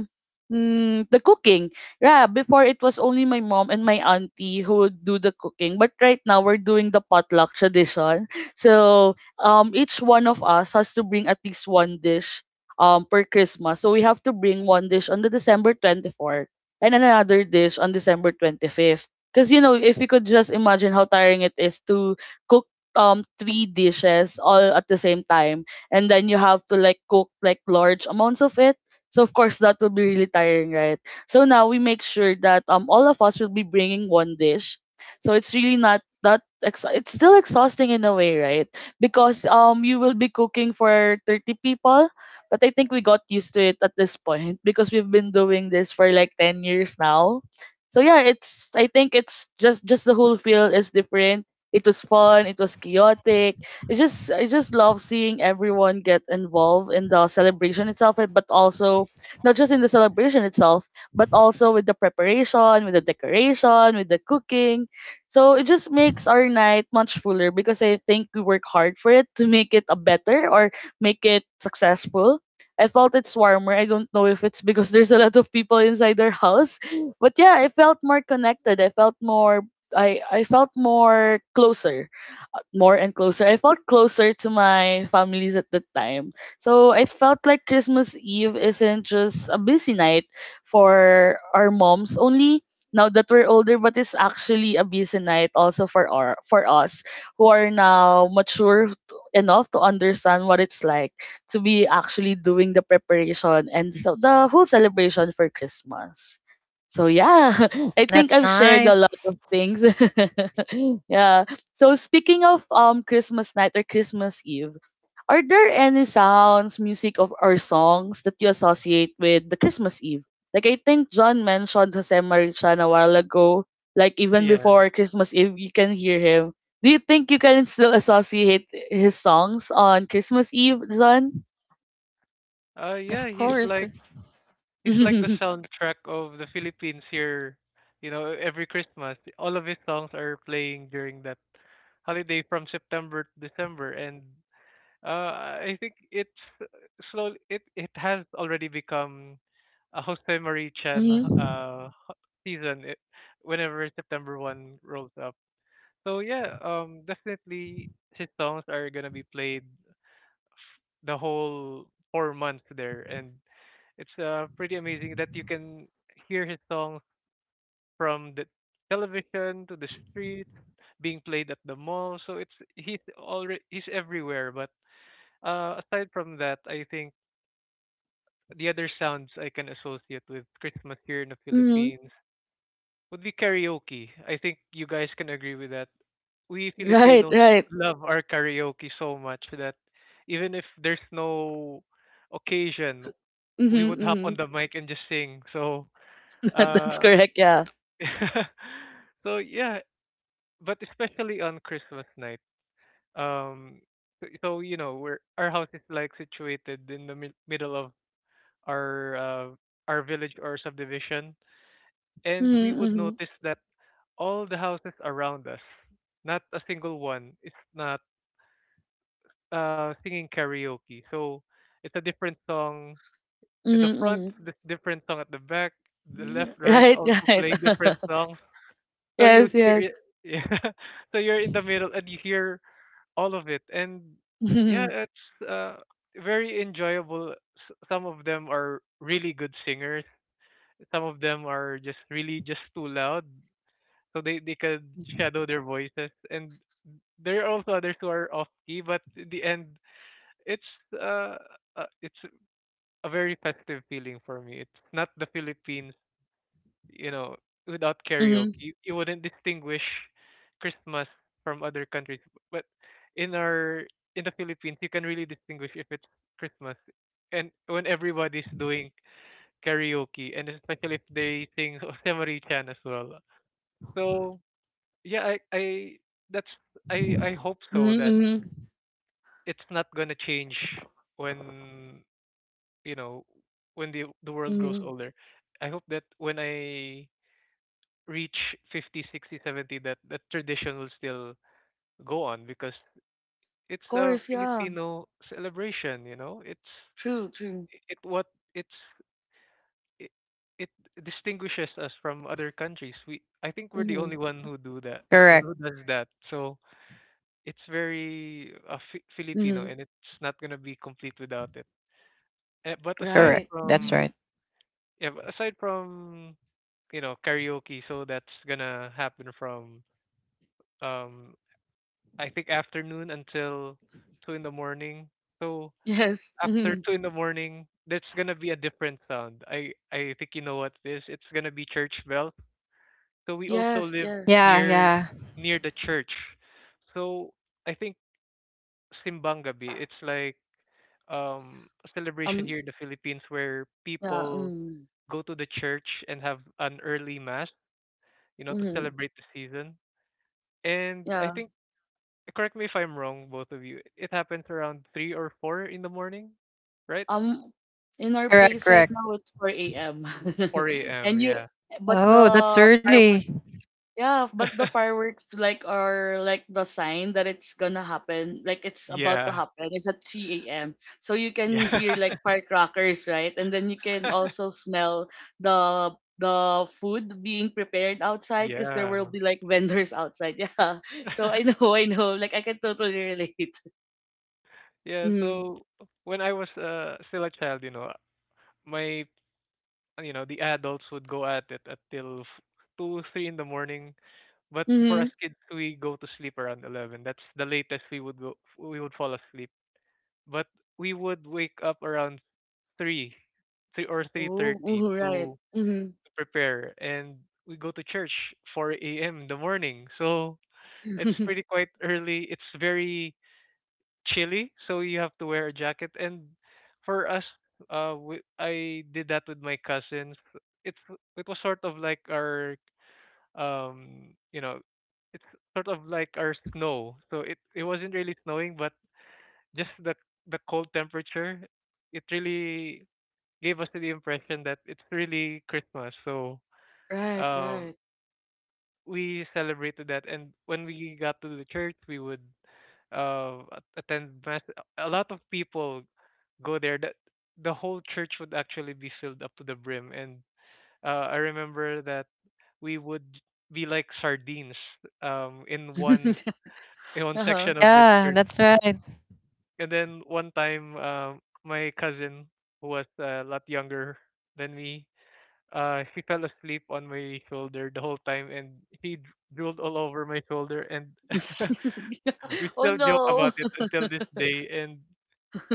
Speaker 1: mm, the cooking. Yeah, before it was only my mom and my auntie who would do the cooking, but right now we're doing the potluck tradition. <laughs> So, um each one of us has to bring at least one dish um per Christmas. So we have to bring one dish on the December twenty-fourth and another dish on December twenty-fifth. Because you know, if you could just imagine how tiring it is to cook um three dishes all at the same time, and then you have to like cook like large amounts of it. So of course that will be really tiring, right? So now we make sure that um all of us will be bringing one dish. So it's really not that ex- it's still exhausting in a way, right? Because um you will be cooking for thirty people, but I think we got used to it at this point because we've been doing this for like ten years now. So yeah, it's, I think it's just just the whole feel is different. It was fun, it was chaotic. It just, I just love seeing everyone get involved in the celebration itself, and but also not just in the celebration itself, but also with the preparation, with the decoration, with the cooking. So it just makes our night much fuller, because I think we work hard for it to make it a better, or make it successful. I felt it's warmer. I don't know if it's because there's a lot of people inside their house, <laughs> but yeah, I felt more connected. I felt more, I I felt more closer, more and closer. I felt closer to my families at that time. So I felt like Christmas Eve isn't just a busy night for our moms only now that we're older, but it's actually a busy night also for our, for us who are now mature enough to understand what it's like to be actually doing the preparation and so the whole celebration for Christmas. So yeah, <laughs> I think
Speaker 3: That's
Speaker 1: I've shared a
Speaker 3: nice.
Speaker 1: lot of things. <laughs> Yeah. So speaking of um Christmas night or Christmas Eve, are there any sounds, music of or songs that you associate with the Christmas Eve? Like I think John mentioned Jose Marichan a while ago. Like even
Speaker 2: Yeah.
Speaker 1: before Christmas Eve, you can hear him. Do you think you can still associate his songs on Christmas Eve, John?
Speaker 2: Uh, yeah,
Speaker 3: Of
Speaker 2: he's
Speaker 1: Yeah.
Speaker 2: like
Speaker 3: course.
Speaker 1: <laughs>
Speaker 2: he's like the
Speaker 1: Mm-hmm.
Speaker 2: soundtrack of the Philippines here. You know, every Christmas, all of his songs are playing during that holiday from September to December, and uh, I think it's uh, slowly it it has already become a Jose Marichan uh ho- season it, whenever September one rolls up. So yeah, um, definitely his songs are gonna be played f- the whole four months there, and it's uh, pretty amazing that you can hear his songs from the television to the streets, being played at the mall. So it's he's already he's everywhere. But uh, aside from that, I think the other sounds I can associate with Christmas here in the
Speaker 1: Mm-hmm.
Speaker 2: Philippines would be karaoke. I think you guys can agree with that. We
Speaker 1: Right,
Speaker 2: Filipinos
Speaker 1: right.
Speaker 2: love our karaoke so much that even if there's no occasion,
Speaker 1: Mm-hmm,
Speaker 2: we would hop
Speaker 1: mm-hmm.
Speaker 2: on the mic and just sing. So
Speaker 1: <laughs> That's
Speaker 2: uh,
Speaker 1: correct, yeah.
Speaker 2: <laughs> so yeah, but especially on Christmas night. Um, so, so you know, we're our house is like situated in the mid- middle of our uh, our village or subdivision, and we
Speaker 1: Mm-hmm,
Speaker 2: would
Speaker 1: mm-hmm.
Speaker 2: notice that all the houses around us, not a single one, is not uh singing karaoke. So it's a different song in the front,
Speaker 1: Mm-hmm.
Speaker 2: this different song at the back, the left,
Speaker 1: Mm-hmm.
Speaker 2: right,
Speaker 1: Right,
Speaker 2: also playing different
Speaker 1: right. <laughs>
Speaker 2: songs. So you
Speaker 1: Yes,
Speaker 2: hear
Speaker 1: yes.
Speaker 2: it, <laughs> yeah. So you're in the middle and you hear all of it, and yeah,
Speaker 1: <laughs>
Speaker 2: it's uh very enjoyable. S- some of them are really good singers. Some of them are just really just too loud, so they they could shadow their voices. And there are also others who are off key, but in the end, it's uh, uh it's a very festive feeling for me. It's not the Philippines, you know, without karaoke.
Speaker 1: Mhm,
Speaker 2: You, you wouldn't distinguish Christmas from other countries. But in our in the Philippines, you can really distinguish if it's Christmas. And when everybody's doing karaoke, and especially if they sing <laughs> Jose Marichan as well. So yeah, I, I that's I I hope
Speaker 1: mhm,
Speaker 2: so that
Speaker 1: mhm, mhm,
Speaker 2: it's not gonna change when you know when the the world grows
Speaker 1: mhm.
Speaker 2: older. I hope that when I reach fifty, sixty, seventy, that that tradition will still go on because
Speaker 1: Of
Speaker 2: it's a
Speaker 1: course, yeah.
Speaker 2: Filipino celebration, you know? It's
Speaker 1: True, true.
Speaker 2: it what it's it, it distinguishes us from other countries. We I think we're the
Speaker 1: Mhm,
Speaker 2: only one who do that uh,
Speaker 3: Correct,
Speaker 2: who does that. So it's very uh, Fi- Filipino
Speaker 1: mhm.
Speaker 2: and it's not going to be complete without it. Eh, But aside
Speaker 3: correct.
Speaker 1: Right.
Speaker 3: That's
Speaker 2: from
Speaker 3: right.
Speaker 1: Mhm.
Speaker 2: yeah, but aside from you know karaoke, so that's gonna happen from um I think afternoon until two in the morning. So
Speaker 1: Yes.
Speaker 2: after
Speaker 1: Mhm.
Speaker 2: two in the morning, that's gonna be a different sound. I I think you know what it is. It's gonna be church bells. So we also
Speaker 1: Yes,
Speaker 2: live
Speaker 1: yes.
Speaker 3: Yeah,
Speaker 2: near
Speaker 3: yeah.
Speaker 2: near the church. So I think simbang gabi. It's like um a celebration
Speaker 1: Um.
Speaker 2: here in the Philippines where
Speaker 1: Yeah.
Speaker 2: people
Speaker 1: Mm.
Speaker 2: go to the church and have an early mass, you know, to
Speaker 1: Mhm.
Speaker 2: celebrate the season. And I
Speaker 1: Yeah.
Speaker 2: think correct me if I'm wrong, both of you. It happens around three or four in the morning, right?
Speaker 1: Um. In our
Speaker 3: Correct,
Speaker 1: place right
Speaker 3: correct.
Speaker 1: now, it's four a m <laughs>
Speaker 2: Four a m.
Speaker 1: And you,
Speaker 2: Yeah.
Speaker 1: but
Speaker 3: Oh,
Speaker 1: the
Speaker 3: that's
Speaker 1: fireworks,
Speaker 3: early.
Speaker 1: yeah, but the
Speaker 2: <laughs>
Speaker 1: fireworks like are like the sign that it's gonna happen, like it's about to
Speaker 2: Yeah.
Speaker 1: happen. It's at three a m. So you can
Speaker 2: Yeah.
Speaker 1: hear like firecrackers, right? And then you can
Speaker 2: <laughs>
Speaker 1: also smell the the food being prepared outside because there will
Speaker 2: Yeah.
Speaker 1: be like vendors outside. <laughs> Yeah. So I
Speaker 2: <laughs>
Speaker 1: know, I know. Like I can totally relate. <laughs>
Speaker 2: Yeah,
Speaker 1: Mm.
Speaker 2: so when I was uh, still a child, you know, my you know, the adults would go at it until f- two, three in the morning. But for us
Speaker 1: Mm-hmm.
Speaker 2: kids, we go to sleep around eleven. That's the latest we would go we would fall asleep. But we would wake up around three, three or
Speaker 1: Oh,
Speaker 2: three thirty
Speaker 1: oh, right.
Speaker 2: to
Speaker 1: Mm-hmm.
Speaker 2: prepare and we go to church four a m in the morning. So it's pretty
Speaker 1: <laughs>
Speaker 2: quite early. It's very chilly, so you have to wear a jacket. And for us, uh, we, I did that with my cousins. It's it was sort of like our um you know it's sort of like our snow. So it it wasn't really snowing, but just the the cold temperature. It really gave us the impression that it's really Christmas. So mm,
Speaker 1: Right,
Speaker 2: um
Speaker 1: right.
Speaker 2: we celebrated that, and when we got to the church, we would uh a- attend mass. A lot of people go there, that the whole church would actually be filled up to the brim. And uh I remember that we would be like sardines, um in one
Speaker 1: <laughs>
Speaker 2: in one <laughs>
Speaker 1: Uh-huh.
Speaker 2: section of the
Speaker 3: Yeah,
Speaker 2: church.
Speaker 3: that's right.
Speaker 2: And then one time, um my cousin who was a lot younger than me, uh, she fell asleep on my shoulder the whole time, and she dr- drooled all over my shoulder. And <laughs> we
Speaker 1: <laughs> Oh
Speaker 2: still joke about
Speaker 1: no.
Speaker 2: it until this day. And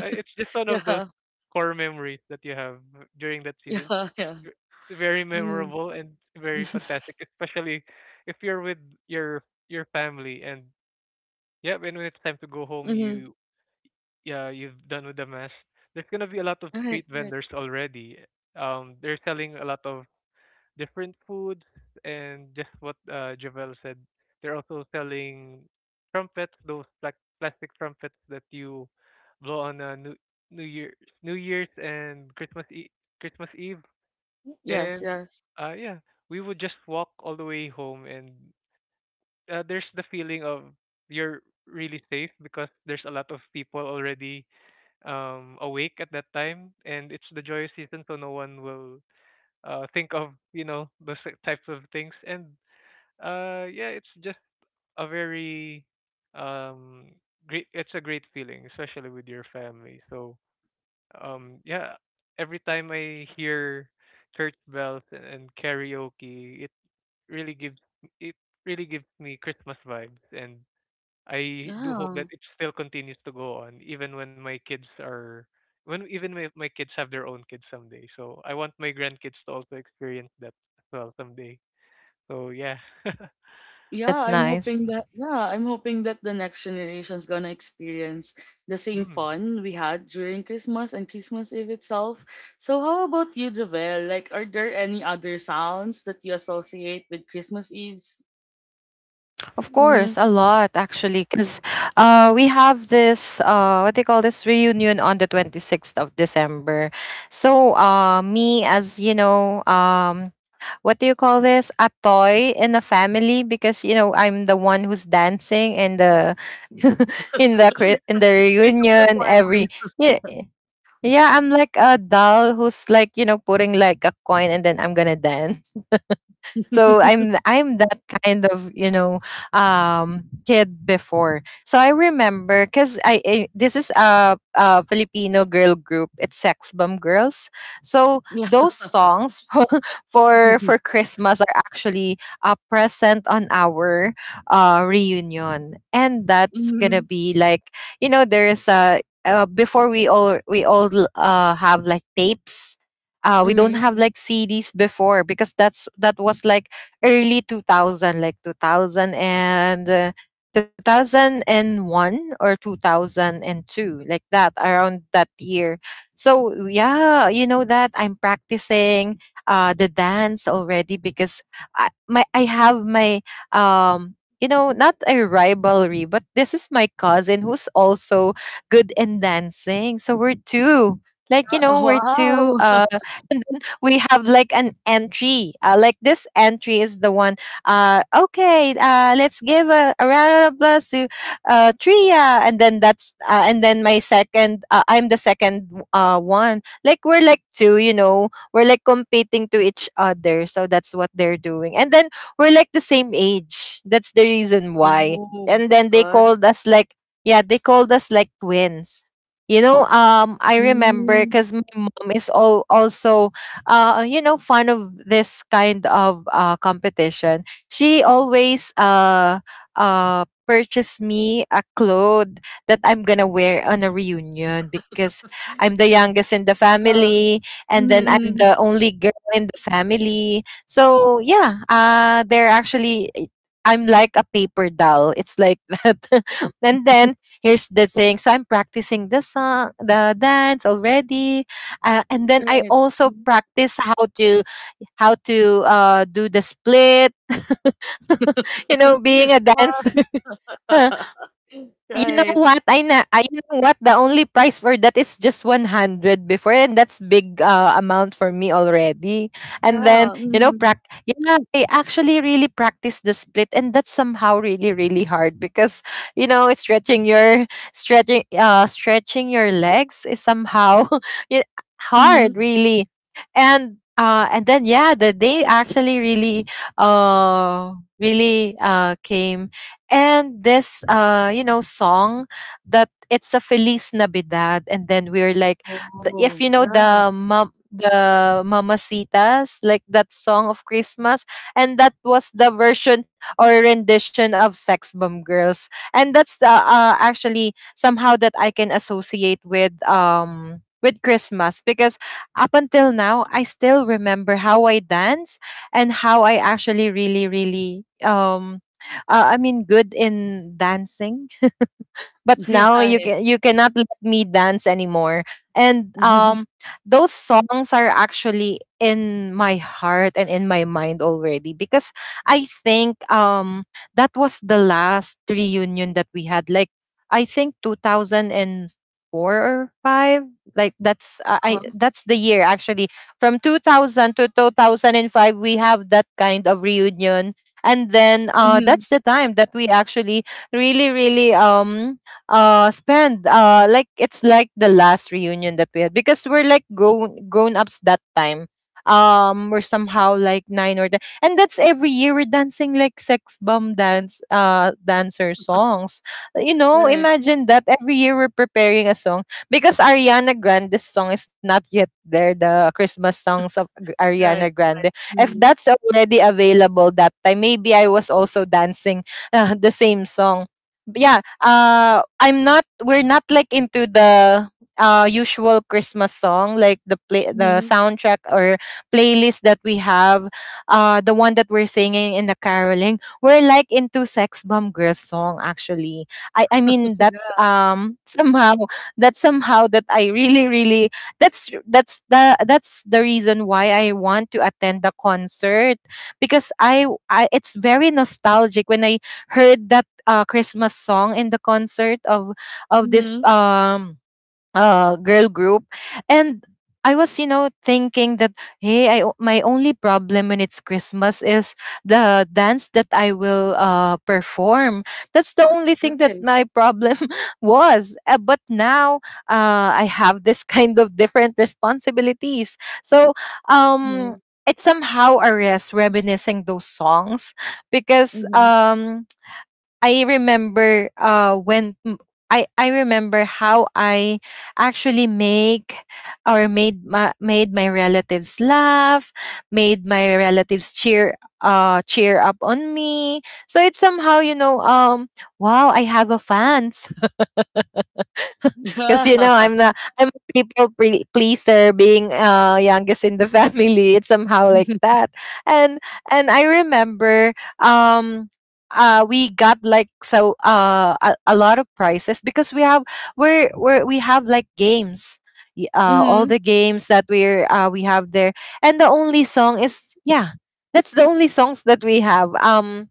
Speaker 2: uh, it's just one of those
Speaker 1: Yeah,
Speaker 2: core memories that you have during that season.
Speaker 1: yeah, yeah.
Speaker 2: V- Very
Speaker 1: Mm.
Speaker 2: memorable and very fantastic,
Speaker 1: <laughs>
Speaker 2: especially if you're with your your family. And yeah, when when it's time to go home,
Speaker 1: Mhm.
Speaker 2: you yeah, you've done with the mess. There's gonna be a lot of
Speaker 1: Right,
Speaker 2: street
Speaker 1: right.
Speaker 2: vendors already. Um, they're selling a lot of different foods, and just what uh, Javel said. They're also selling trumpets, those like plastic trumpets that you blow on uh, New New Year's New Year's and Christmas e- Christmas Eve.
Speaker 1: Yes,
Speaker 2: And
Speaker 1: yes.
Speaker 2: uh, yeah, we would just walk all the way home, and uh, there's the feeling of you're really safe, because there's a lot of people already um awake at that time, and it's the joyous season, so no one will uh, think of you know those si, types of things. And uh yeah, it's just a very um great it's a great feeling, especially with your family. So um yeah, every time I hear church bells and, and karaoke, it really gives it really gives me Christmas vibes. And I do hope
Speaker 1: Yeah.
Speaker 2: that it still continues to go on even when my kids are when even if my kids have their own kids someday. So I want my grandkids to also experience that as well someday. So yeah. <laughs>
Speaker 1: Yeah,
Speaker 3: That's
Speaker 1: I'm hoping
Speaker 3: nice.
Speaker 1: that, yeah, I'm hoping that the next generation's gonna experience the same
Speaker 2: Mm.
Speaker 1: fun we had during Christmas and Christmas Eve itself. So how about you, Javel? Like are there any other sounds that you associate with Christmas Eves?
Speaker 3: Of
Speaker 1: Mm-hmm.
Speaker 3: course, a lot actually, because uh, we have this, uh, what they call this, reunion on the twenty sixth of December. So uh, me, as you know, um, what do you call this, a toy in the family, because you know I'm the one who's dancing in the <laughs> in the
Speaker 1: <laughs> You're
Speaker 3: cri- in the
Speaker 1: the
Speaker 3: reunion every,
Speaker 1: performer.
Speaker 3: yeah. Yeah, I'm like a doll who's like, you know, putting like a coin and then I'm gonna dance. So i'm
Speaker 1: <laughs>
Speaker 3: i'm that kind of, you know, um kid before. So I remember, because I, I this is a, a Filipino girl group, it's Sex Bomb Girls. So
Speaker 1: Yeah.
Speaker 3: those songs <laughs> for for for
Speaker 1: <laughs>
Speaker 3: Christmas are actually, uh, present on our uh reunion, and that's gonna
Speaker 1: Mm-hmm.
Speaker 3: be like, you know, there's a, uh, before, we all we all uh have like tapes. Uh, we don't
Speaker 1: Mm-hmm.
Speaker 3: have like C Ds before, because that's, that was like early two thousand, like two thousand and uh, two thousand one or two thousand two, like that, around that year. So yeah, you know, that I'm practicing uh the dance already, because i my I have my, um you know, not a rivalry, but this is my cousin who's also good in dancing. So we're two, like, you
Speaker 1: Uh,
Speaker 3: know, we're two.
Speaker 1: wow. <laughs>
Speaker 3: Uh, and then we have like an entry. Uh, like, this entry is the one. Uh, okay, uh, let's give a, a round of applause to uh, Tria, and then that's uh, and then my second. Uh, I'm the second uh, one. Like, we're like two, you know, we're like competing to each other. So that's what they're doing. And then we're like the same age. That's the reason why.
Speaker 1: Oh,
Speaker 3: And
Speaker 1: that's
Speaker 3: then they
Speaker 1: one.
Speaker 3: called us like, yeah, they called us like twins, you know. um, I remember
Speaker 1: Hmm.
Speaker 3: because my mom is all also, uh, you know, fond of this kind of uh, competition. She always uh, uh, purchased me a cloth that I'm gonna wear on a reunion, because I'm the youngest in the
Speaker 1: Ah,
Speaker 3: family,
Speaker 1: mhm,
Speaker 3: and then I'm
Speaker 1: mhm,
Speaker 3: the only girl in the family. So yeah, uh, they're actually, I'm like a paper doll. It's like that. <laughs> And then, here's the thing. So I'm practicing the song, the dance already, uh, and then I
Speaker 1: right.
Speaker 3: also
Speaker 1: Mhm.
Speaker 3: practice how to, how to uh, do the split. <laughs> You know,
Speaker 1: <laughs>
Speaker 3: being a
Speaker 1: Wow.
Speaker 3: dancer. <laughs>
Speaker 1: <laughs>
Speaker 3: You know
Speaker 1: Right.
Speaker 3: what? I na I, you know what, the only price for that is just one hundred before, and that's big uh, amount for me already. And
Speaker 1: Yeah.
Speaker 3: then, you know,
Speaker 1: Mhm.
Speaker 3: prac- yeah, I actually really practice the split, and that's somehow really, really hard because, you know, it's stretching your, stretching uh stretching your legs is somehow <laughs> y-
Speaker 1: Mhm.
Speaker 3: hard, really. And uh and then, yeah, the day actually really uh really uh came, and this uh you know, song that, it's a Feliz Navidad, and then we're like, the,
Speaker 1: Oh,
Speaker 3: if you know,
Speaker 1: yeah.
Speaker 3: the mom, the mamacitas like that song of Christmas. And that was the version or rendition of Sex Bomb Girls, and that's the, uh, actually somehow that I can associate with, um with Christmas, because up until now I still remember how I dance, and how I actually really, really um uh, I mean, good in dancing. But
Speaker 1: <laughs>
Speaker 3: now you
Speaker 1: Right.
Speaker 3: can, you cannot let me dance anymore. And
Speaker 1: Mhm.
Speaker 3: um those songs are actually in my heart and in my mind already, because I think um that was the last reunion that we had, like I think two thousand four or five, like that's uh, I
Speaker 1: Uh-huh.
Speaker 3: that's the year actually. From two thousand to two thousand five we have that kind of reunion, and then uh
Speaker 1: Mhm.
Speaker 3: that's the time that we actually really, really um uh spend uh like. It's like the last reunion that we had, because we're like grown grown ups that time. Um we're somehow like nine or ten, and that's every year we're dancing like Sex Bomb dance uh dancer songs. You know,
Speaker 1: Right.
Speaker 3: imagine that every year we're preparing a song, because Ariana Grande's song is not yet there, the Christmas songs of G-
Speaker 1: Right.
Speaker 3: ariana Grande. If
Speaker 1: Mhm.
Speaker 3: that's already available that time, maybe I was also dancing <laughs> uh, the same song. But yeah, uh I'm not, we're not like into the uh usual Christmas song, like the play The
Speaker 1: Mhm.
Speaker 3: soundtrack or playlist that we have, uh the one that we're singing in the caroling, we're like into Sex Bomb Girls song actually. I I
Speaker 1: <laughs>
Speaker 3: mean that's
Speaker 1: Yeah.
Speaker 3: um <laughs> somehow that's somehow that I really, really that's that's the that's the reason why I want to attend the concert, because I I it's very nostalgic when I heard that uh, Christmas song in the concert of of this
Speaker 1: Mhm.
Speaker 3: um uh girl group. And I was you know thinking that, hey, I o- my only problem when it's Christmas is the dance that I will uh perform. That's the only thing that
Speaker 1: Right.
Speaker 3: my problem <laughs> was. Uh, but now uh, I have this <laughs> kind of different responsibilities, so um.
Speaker 1: Mhm.
Speaker 3: It's somehow a rest reminiscing those songs because
Speaker 1: Mhm.
Speaker 3: um I remember uh when m- I I remember how I actually make or made my made my relatives laugh, made my relatives cheer uh cheer up on me. So it's somehow, you know um wow, I have a fans, because
Speaker 1: Yeah.
Speaker 3: you know i'm
Speaker 1: <laughs>
Speaker 3: the i'm a people pre- pleaser being uh youngest in the <laughs> family. It's somehow like that. And and I remember um uh we got like so uh a, a lot of prizes, because we have we're, we're we have like games. Y- uh all
Speaker 1: Mhm.
Speaker 3: the games that we're uh we have there. And the only song is, yeah, that's the only songs that we have. um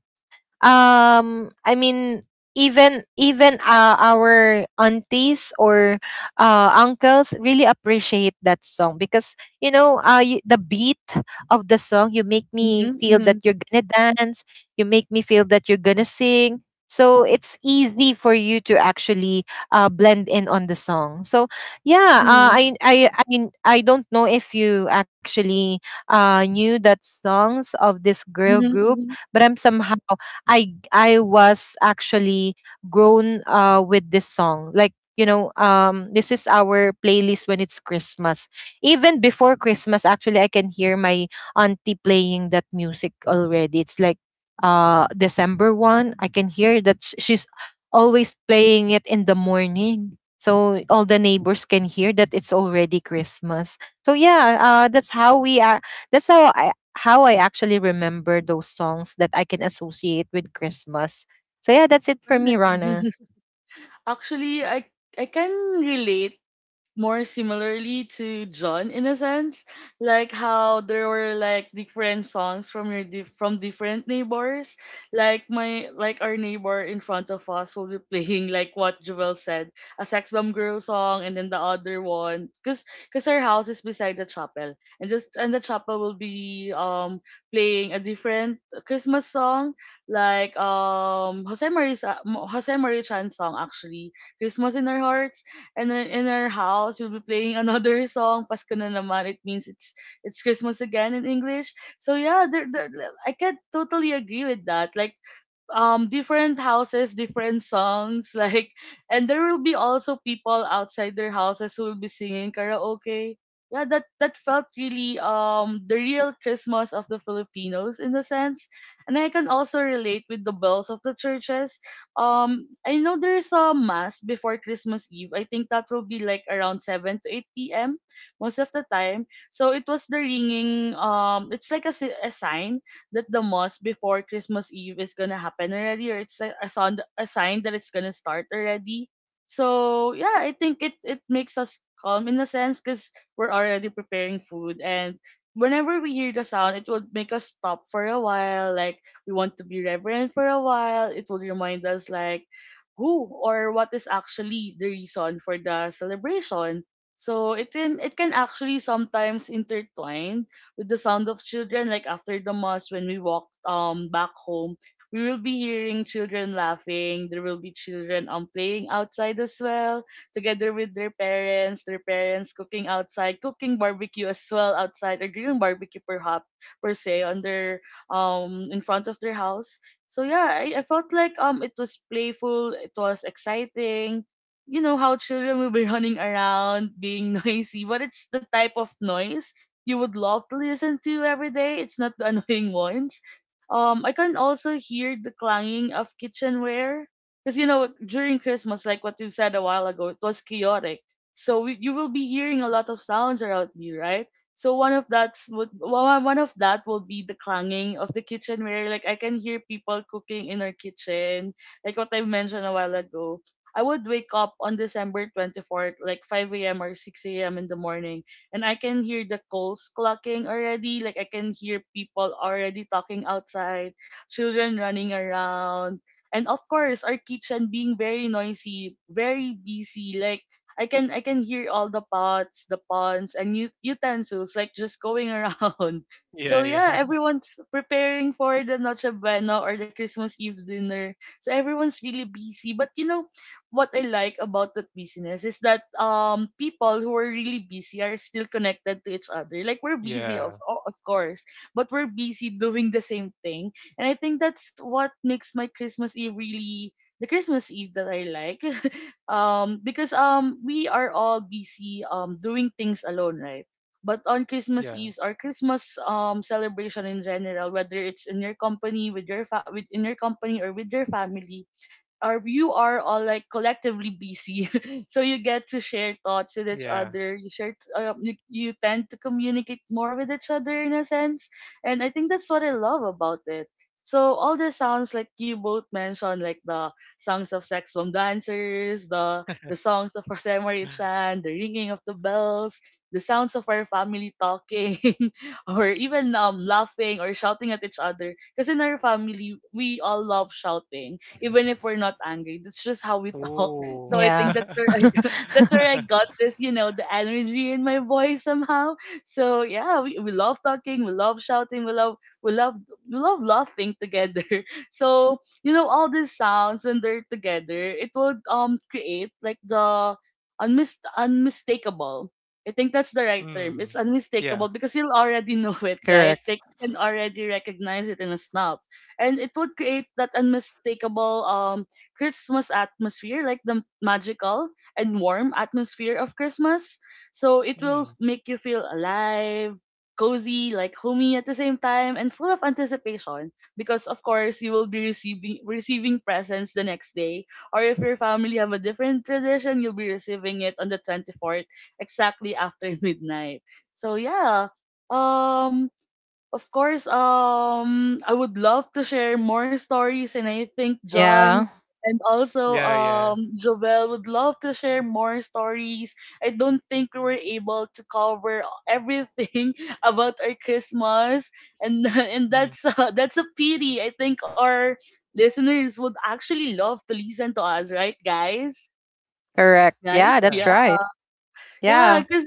Speaker 3: um i mean even, even uh, our aunties or uh, uncles really appreciate that song because you know uh, you, the beat of the song, you make me
Speaker 1: Mhm.
Speaker 3: feel that
Speaker 1: Mhm.
Speaker 3: you're gonna dance, you make me feel that you're gonna sing. So it's easy for you to actually uh, blend in on the song. So yeah, uh,
Speaker 1: Mhm.
Speaker 3: I, I i mean, I don't know if you actually uh, knew that songs of this girl
Speaker 1: Mhm. Mhm.
Speaker 3: group,
Speaker 1: Mhm.
Speaker 3: but I'm somehow I I was actually grown uh with this song. Like, you know, um this is our playlist when it's Christmas. Even before Christmas, actually I can hear my auntie playing that music already. It's like uh December first, I can hear that sh- she's always playing it in the morning. So all the neighbors can hear that it's already Christmas. So yeah, uh, that's how we are. That's how I, how I actually remember those songs that I can associate with Christmas. So yeah, that's it for
Speaker 1: Right.
Speaker 3: me,
Speaker 1: <laughs> Mhm.
Speaker 3: Rana.
Speaker 1: Actually, I I can relate more similarly to John in a sense, like how there were like different songs from your dif- from different neighbors. Like my like our neighbor in front of us will be playing like what Joel said, a Sex Bomb Girl song, and then the other one, cause cause our house is beside the chapel, and just and the chapel will be um playing a different Christmas song, like um Jose Marie Sa- Mo- Jose Marie Chan song actually, Christmas in Our Hearts. And then in our house we'll be playing <laughs> another song, Pasko na naman. It means it's it's Christmas again in English. So yeah, there, there, I can totally agree with that. Like um different houses, different songs, <laughs> like, and there will be also people outside their houses who will be singing karaoke. Yeah, that that felt really um the real Christmas of the Filipinos in a sense. And I can also relate with the bells of the churches. um I know there's a mass before Christmas Eve. I think that will be like around seven to eight p.m most of the time, so it was the ringing. um it's like a, si- a sign that the mass before Christmas Eve is gonna happen already, or it's a, a, sound, a sign that it's gonna start already. So yeah, I think it it makes us calm in a sense, because we're already preparing food, and whenever we hear the sound, it will make us stop for a while. Like we want to be reverent for a while. It will remind us like who or what is actually the reason for the celebration. So it can it can actually sometimes intertwine with the sound of children, like after the mass when we walked um back home, we will be hearing children laughing. There will be children um playing outside as well, together with their parents, their parents cooking outside, cooking barbecue as well outside, or grilling barbecue perhaps, per se, on their um in front of their house. So yeah, I, I felt like um it was playful, it was exciting. You know how children will be <laughs> running around, being <laughs> noisy, but it's the type of noise you would love to listen to every day. It's not the <laughs> annoying ones. Um, I can also hear the clanging of kitchenware, because you know during Christmas, like what you said a while ago, it was chaotic. So we, you will be hearing a lot of sounds around you, right? So one of that's would well, one one of that will be the clanging of the kitchenware. Like I can hear people cooking in our kitchen, like what I mentioned a while ago. I would wake up on December twenty-fourth, like five a m or six a m in the morning, and I can hear the calls clucking already. Like I can hear people already talking outside, children running around, and of course our kitchen being very noisy, very busy. Like I can I can hear all the pots, the pans, and ut- utensils like just going around. <laughs> So
Speaker 2: Yeah,
Speaker 1: yeah,
Speaker 2: yeah. <laughs>
Speaker 1: everyone's preparing for the Noche Buena or the Christmas Eve dinner. So everyone's really busy. But you know, what I like about that business is that um people who are really busy are still connected to each other. Like we're busy, of
Speaker 2: Yeah.
Speaker 1: o- of course, but we're busy doing the same thing. And I think that's what makes my Christmas Eve really the Christmas Eve that I like. <laughs> um because um we are all busy um doing things alone, right? But on Christmas
Speaker 2: Yeah.
Speaker 1: Eve's our Christmas um celebration in general, whether it's in your company with your fa- with in your company or with your family, or you are all like collectively busy, <laughs> so you get to share thoughts with each
Speaker 2: Yeah.
Speaker 1: other. You share uh, you, you tend to communicate more with each other in a sense, and I think that's what I love about it. So all the sounds like you both mentioned, like the songs of Sex Bomb dancers, the the songs of Rosemary Chan, the ringing of the bells, the sounds of our family talking, <laughs> or even um laughing or shouting at each other, because in our family we all love shouting even if we're not angry. That's just how we talk. <laughs>
Speaker 2: Oh.
Speaker 1: So I
Speaker 3: Yeah.
Speaker 1: think that's
Speaker 2: <laughs>
Speaker 1: where
Speaker 3: <laughs>
Speaker 1: I <laughs> that's where I got this, you know, the energy in my voice somehow. So yeah, we, we love talking, we love shouting, we love we love we love laughing together. <laughs> So, you know, all these sounds when they're together, it would um create like the unmis- unmistakable. I think that's the right term. It's
Speaker 2: Mm. Yeah.
Speaker 1: unmistakable because you'll already <laughs> know it, right?
Speaker 3: Correct.
Speaker 1: They can already recognize it in a snap, and it would create that unmistakable um Christmas atmosphere, like the magical and warm atmosphere of Christmas. So it will
Speaker 2: Mm.
Speaker 1: make you feel alive, cozy, like homey at the same time, and full of anticipation because of course you will be receiving receiving presents the next day. Or if your family have a different tradition, you'll be receiving it on the twenty fourth, exactly after <laughs> midnight. So yeah. Um of course, um, I would love to share more stories, and I think John
Speaker 3: Yeah.
Speaker 1: and also
Speaker 2: Yeah, yeah.
Speaker 1: um Jovel would love to share more stories. I don't think we were able to cover everything <laughs> about our Christmas, and <laughs> and
Speaker 2: Mm.
Speaker 1: that's uh, that's a pity. I think our listeners would actually love to listen to us, right, guys?
Speaker 3: Correct.
Speaker 1: Right?
Speaker 3: Yeah,
Speaker 2: Yeah.
Speaker 3: that's
Speaker 1: Yeah.
Speaker 3: right.
Speaker 1: Yeah,
Speaker 3: Yeah.
Speaker 1: because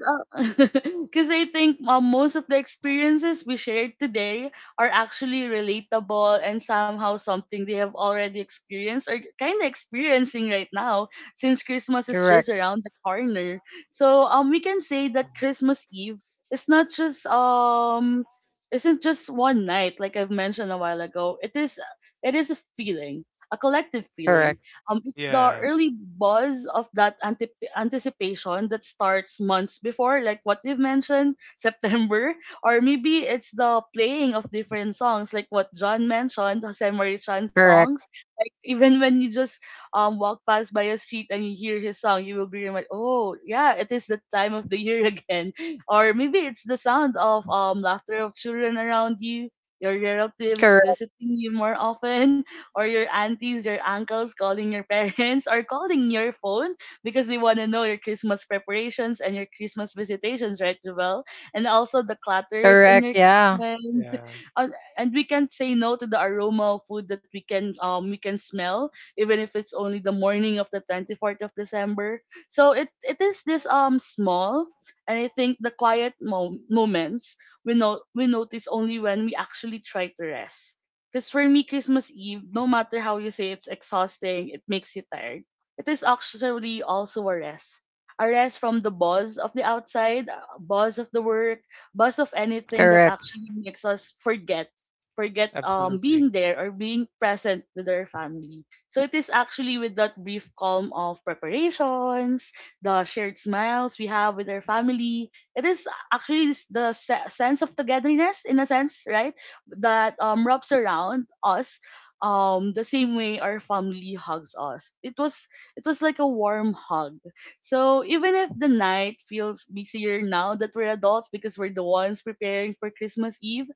Speaker 1: because <laughs> I think uh, most of the experiences we shared today are actually relatable and somehow something they have already experienced or kind of experiencing right now, since Christmas is just
Speaker 3: Correct.
Speaker 1: around the corner. So um, we can say that
Speaker 2: Mm.
Speaker 1: Christmas Eve is not just um isn't just one night like I've mentioned a while ago. It is it is a feeling, a collective feeling.
Speaker 3: Correct.
Speaker 1: um, it's the
Speaker 2: Yeah.
Speaker 1: early buzz of that antip anticipation that starts months before, like what you've mentioned, <laughs> September, or maybe it's the playing of different songs, like what John mentioned, Jose Marichan songs.
Speaker 3: Correct.
Speaker 1: Like even when you just um walk past by a street and you hear his song, you will be reminded, oh yeah, it is the time of the year <laughs> again. Or maybe it's the sound of um laughter of children around you, your relatives
Speaker 3: Correct.
Speaker 1: visiting you more often, or your aunties, your uncles calling your parents or calling your phone because they want to know your Christmas preparations and your Christmas visitations, right, Javel? And also the clutters in
Speaker 3: Correct.
Speaker 1: your
Speaker 3: Yeah.
Speaker 1: Christmas,
Speaker 2: Yeah.
Speaker 1: uh, and we can't say no to the aroma of food that we can um we can smell, even if it's only the morning of the twenty-fourth of December. So it it is this um small, and I think the quiet mo- moments we know we notice only when we actually try to rest, because for me Christmas Eve, no
Speaker 2: Mhm.
Speaker 1: matter how you say it's exhausting, it makes you tired, it is actually also a rest, a rest from the buzz of the outside, a buzz of the work, buzz of anything that
Speaker 3: Correct.
Speaker 1: actually makes us forget forget um
Speaker 2: Absolutely.
Speaker 1: being there or being present with our family. So it is actually with that brief calm of preparations, the shared smiles we have with our family. It is actually s- the se- sense of togetherness in a sense, right? That um wraps around us um the same way our family hugs us. It was it was like a warm hug. So even if the night feels busier now that we're adults, because we're the ones preparing for Christmas Eve,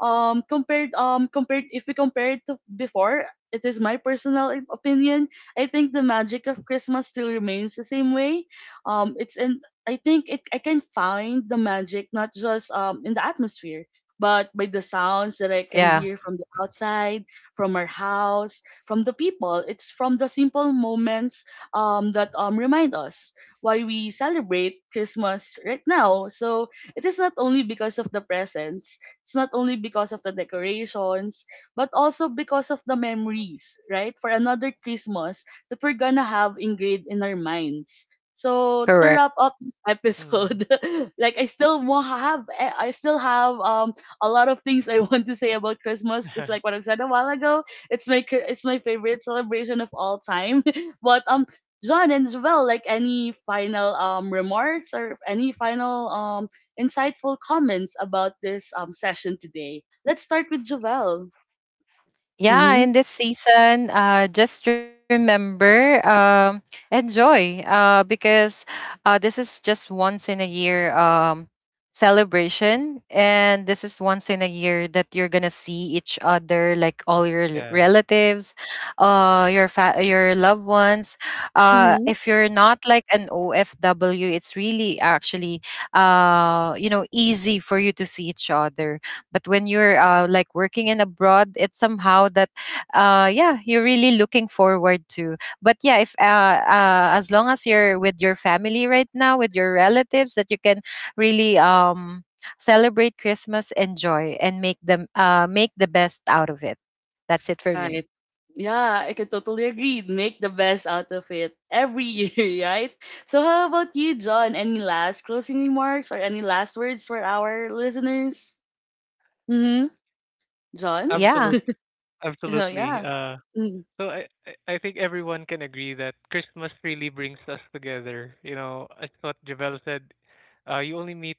Speaker 1: um, compared um compared if we compare it to before, it is my personal i- opinion. I think the magic of Christmas still remains the same way. Um, it's in I think it I can find the magic not just um in the atmosphere, but by the sounds that I can
Speaker 3: Yeah.
Speaker 1: hear from the outside, from our house, from the people. It's from the simple moments um, that um, remind us why we celebrate Christmas right now. So it is not only because of the presents, it's not only because of the decorations, but also because of the memories, right? For another Christmas that we're gonna have engraved in our minds. So to
Speaker 3: Correct.
Speaker 1: wrap up this episode,
Speaker 2: Mm.
Speaker 1: <laughs> like I still wa- have, eh, I still have um a lot of things I <laughs> want to say about Christmas because like what
Speaker 2: <laughs>
Speaker 1: I said a while ago, it's my cr- it's my favorite celebration of all time. <laughs> but um, John and Jovel, like any final um remarks or any final um insightful comments about this um session today. Let's start with Jovel.
Speaker 3: Yeah,
Speaker 1: Mhm.
Speaker 3: in this season, uh, just remember, um, enjoy, uh, because uh, this is just once in a year um, celebration, and this is once in a year that you're gonna see each other, like all your l-
Speaker 2: Yeah.
Speaker 3: relatives, uh, your fa- your loved ones. Uh,
Speaker 1: Mhm.
Speaker 3: if you're not like an O F W, it's really actually, uh, you know, easy for you to see each other. But when you're uh, like working in abroad, it's somehow that uh yeah, you're really looking forward to. But yeah, if uh, uh as long as you're with your family right now, with your relatives, that you can really um celebrate Christmas, enjoy, and make them uh make the best out of it. That's it for me.
Speaker 1: Right. Yeah, I can totally agree. Make the best out of it every <laughs> year, right? So how about you, John? Any last closing remarks or any last words for our listeners? Mhm. John?
Speaker 3: Yeah.
Speaker 2: Absolutely.
Speaker 1: <laughs>
Speaker 2: Absolutely.
Speaker 1: yeah.
Speaker 2: Uh So I I I think everyone can agree that Christmas really brings us together. You know, as what Javel said, uh, you only meet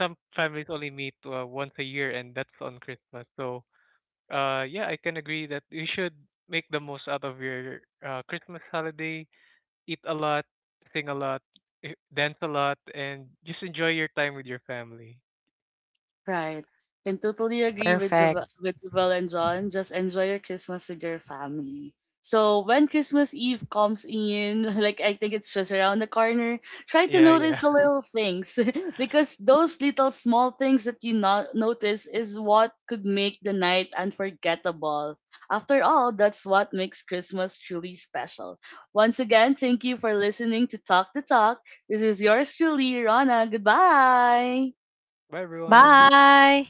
Speaker 2: some families only meet uh, once a year, and that's on Christmas. So uh, yeah, I can agree that you should make the most out of your uh, Christmas holiday. Eat a lot, sing a lot, eh, dance a lot, and just enjoy your time with your family.
Speaker 1: Right. And totally agree with
Speaker 3: Perfect.
Speaker 1: Jovel, with Jovel and John. Just enjoy your Christmas with your family. So when Christmas Eve comes in, <laughs> like I think it's just around the corner, try to
Speaker 2: Yeah,
Speaker 1: notice
Speaker 2: yeah.
Speaker 1: the
Speaker 2: <laughs>
Speaker 1: little things, <laughs> because those little small things that you not notice is what could make the night unforgettable. After all, that's what makes Christmas truly special. Once again, thank you for listening to Talk the Talk. This is yours truly, Rana. Goodbye.
Speaker 2: Bye, everyone.
Speaker 3: Bye.